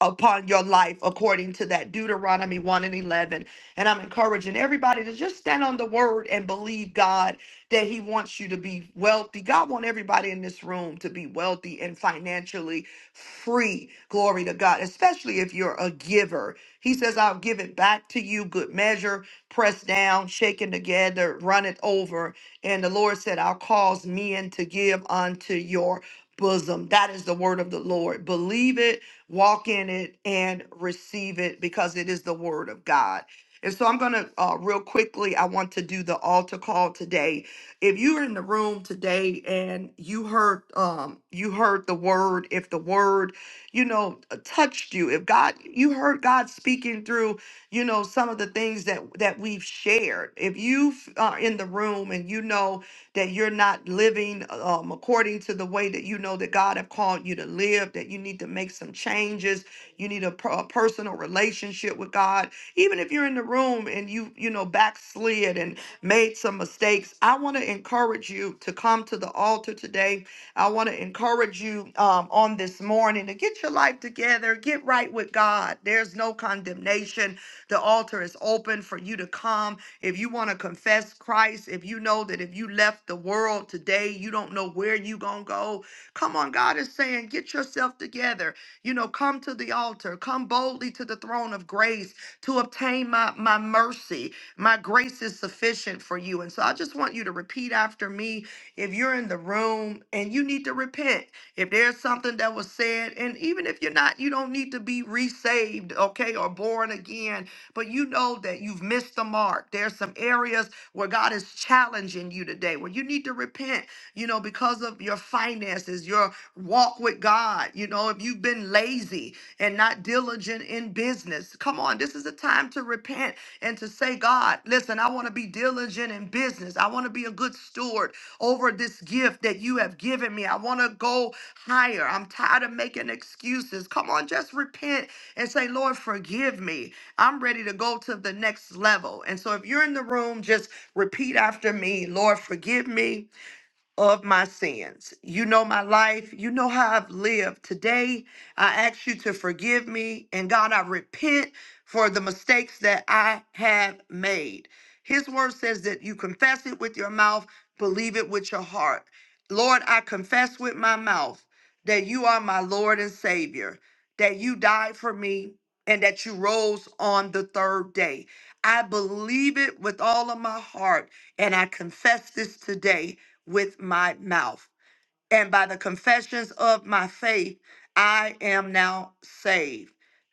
upon your life according to that Deuteronomy 1 and 11. And I'm encouraging everybody to just stand on the word and believe God that he wants you to be wealthy. God wants everybody in this room to be wealthy and financially free. Glory to God, especially if you're a giver. He says, I'll give it back to you, good measure, pressed down, shaken together, run it over. And the Lord said, I'll cause men to give unto your bosom. That is the word of the Lord. Believe it walk in it and receive it because it is the word of God. And so I'm going to, uh, real quickly, I want to do the altar call today. If you were in the room today and you heard, um, you heard the word, if the word, you know, touched you, if God, you heard God speaking through, you know, some of the things that, that we've shared, if you f- are in the room and you know, that you're not living um, according to the way that you know that God have called you to live, that you need to make some changes. You need a, per- a personal relationship with God. Even if you're in the room and you, you know, backslid and made some mistakes, I want to encourage you to come to the altar today. I want to encourage you um, on this morning to get your life together, get right with God. There's no condemnation. The altar is open for you to come if you want to confess Christ, if you know that if you left the world today, you don't know where you going to go. Come on, God is saying, get yourself together. You know, come to the altar, come boldly to the throne of grace to obtain my, my mercy. My grace is sufficient for you. And so I just want you to repeat after me. If you're in the room and you need to repent, if there's something that was said, and even if you're not, you don't need to be resaved, okay, or born again but you know that you've missed the mark. There's some areas where God is challenging you today, where you need to repent, you know, because of your finances, your walk with God. You know, if you've been lazy and not diligent in business, come on, this is a time to repent and to say, God, listen, I want to be diligent in business. I want to be a good steward over this gift that you have given me. I want to go higher. I'm tired of making excuses. Come on, just repent and say, Lord, forgive me. I'm ready to go to the next level. And so if you're in the room, just repeat after me Lord, forgive me of my sins. You know my life. You know how I've lived. Today, I ask you to forgive me. And God, I repent for the mistakes that I have made. His word says that you confess it with your mouth, believe it with your heart. Lord, I confess with my mouth that you are my Lord and Savior, that you died for me, and that you rose on the third day. I believe it with all of my heart, and I confess this today with my mouth. And by the confessions of my faith, I am now saved.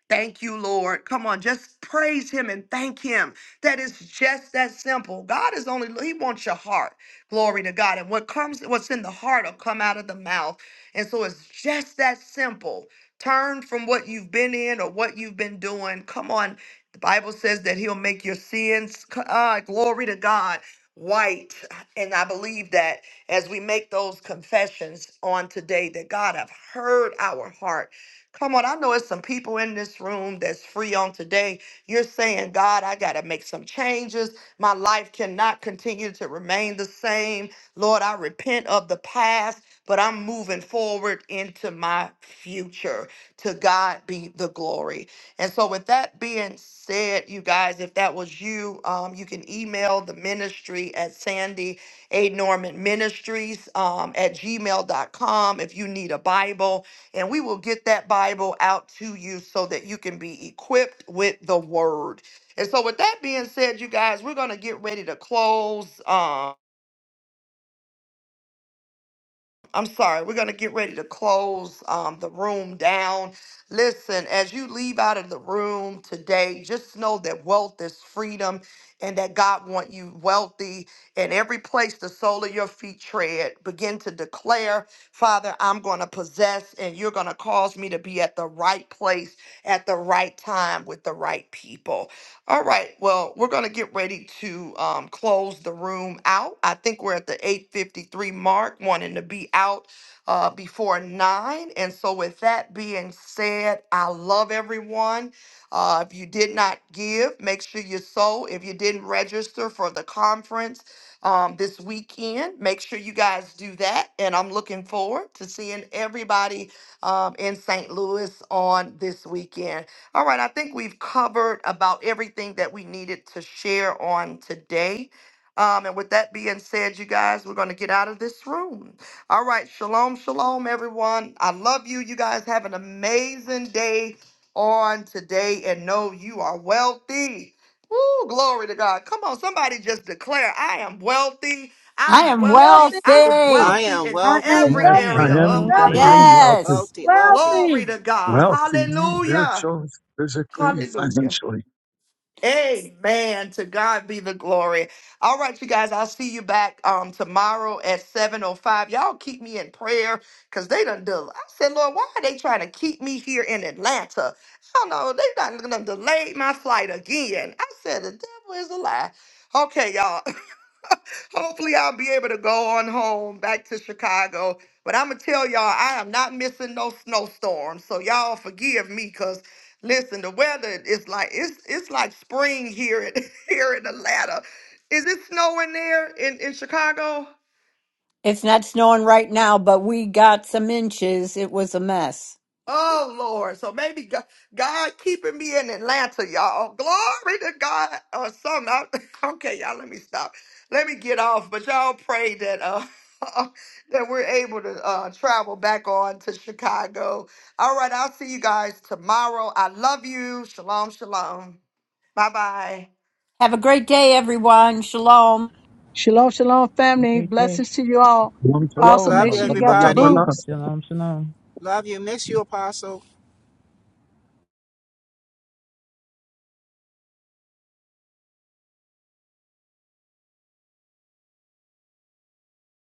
Thank you, Lord. Come on, just praise Him and thank Him. That is just that simple. God is only, He wants your heart. Glory to God. And what comes, what's in the heart will come out of the mouth. And so it's just that simple. Turn from what you've been in or what you've been doing. Come on. The Bible says that He'll make your sins, uh, glory to God, white. And I believe that as we make those confessions on today that God have heard our heart. Come on, I know it's some people in this room that's free on today. You're saying, God, I got to make some changes. My life cannot continue to remain the same. Lord, I repent of the past, but I'm moving forward into my future. To God be the glory. And so, with that being said, you guys, if that was you, um, you can email the ministry at Sandy a Norman Ministries um, at gmail dot com. if you need a Bible. And we will get that Bible out to you so that you can be equipped with the word. And so, with that being said, you guys, we're going to get ready to close. Um, I'm sorry, we're going to get ready to close um, the room down. Listen, as you leave out of the room today, just know that wealth is freedom and that God want you wealthy. And every place the sole of your feet tread, begin to declare, Father, I'm going to possess and you're going to cause me to be at the right place at the right time with the right people. All right. Well, we're going to get ready to um, close the room out. I think we're at the 8:53 mark, wanting to be out uh, before nine. And so, with that being said, I love everyone. Uh, if you did not give, make sure you sow. If you didn't register for the conference um, this weekend, make sure you guys do that. And I'm looking forward to seeing everybody um, in St. Louis on this weekend. All right, I think we've covered about everything that we needed to share on today. Um, and with that being said, you guys, we're going to get out of this room. All right, shalom, shalom, everyone. I love you. You guys have an amazing day on today and know you are wealthy. Woo, glory to God. Come on, somebody just declare, I am wealthy.
I
I'm
am
am
wealthy.
wealthy.
I'm
wealthy.
I
wealthy
am
in
I am
wealthy.
every
Yes,
I am
I
area
wealthy,
of
am.
my
I
wealthy.
life.
am
wealthy,
wealthy,
Yes,
Wealthy, wealthy.
wealthy.
Glory to God.
wealthy,
Yes.
Hallelujah.
spiritually, physically,
Hallelujah.
financially.
Amen. To God be the glory. All right, you guys, I'll see you back um tomorrow at 7.05. Y'all keep me in prayer because they done del- I said, Lord, why are they trying to keep me here in Atlanta? I don't know. They done, done delayed my flight again. I said, the devil is a lie. Okay, y'all. [LAUGHS] Hopefully, I'll be able to go on home back to Chicago. But I'm going to tell y'all, I am not missing no snowstorm. So y'all forgive me because. Listen, the weather is like it's it's like spring here in [LAUGHS] here in Atlanta. Is it snowing there in, in Chicago?
it's not snowing right now, but we got some inches. It was a mess.
Oh Lord. So maybe God, God keeping me in Atlanta, y'all. Glory to God or something. I, [LAUGHS] okay, y'all, let me stop. Let me get off. But y'all pray that uh [LAUGHS] that we're able to uh travel back on to Chicago. All right, I'll see you guys tomorrow. I love you. Shalom, shalom. Bye bye.
Have a great day, everyone. Shalom.
Shalom, shalom,
A
family.
great day.
Blessings to you all.
Shalom,
Apostle,
Love
make
you,
sure
Sh-
you got your
everybody.
shalom.
boots.
Shalom, shalom.
Love you. Miss you, Apostle.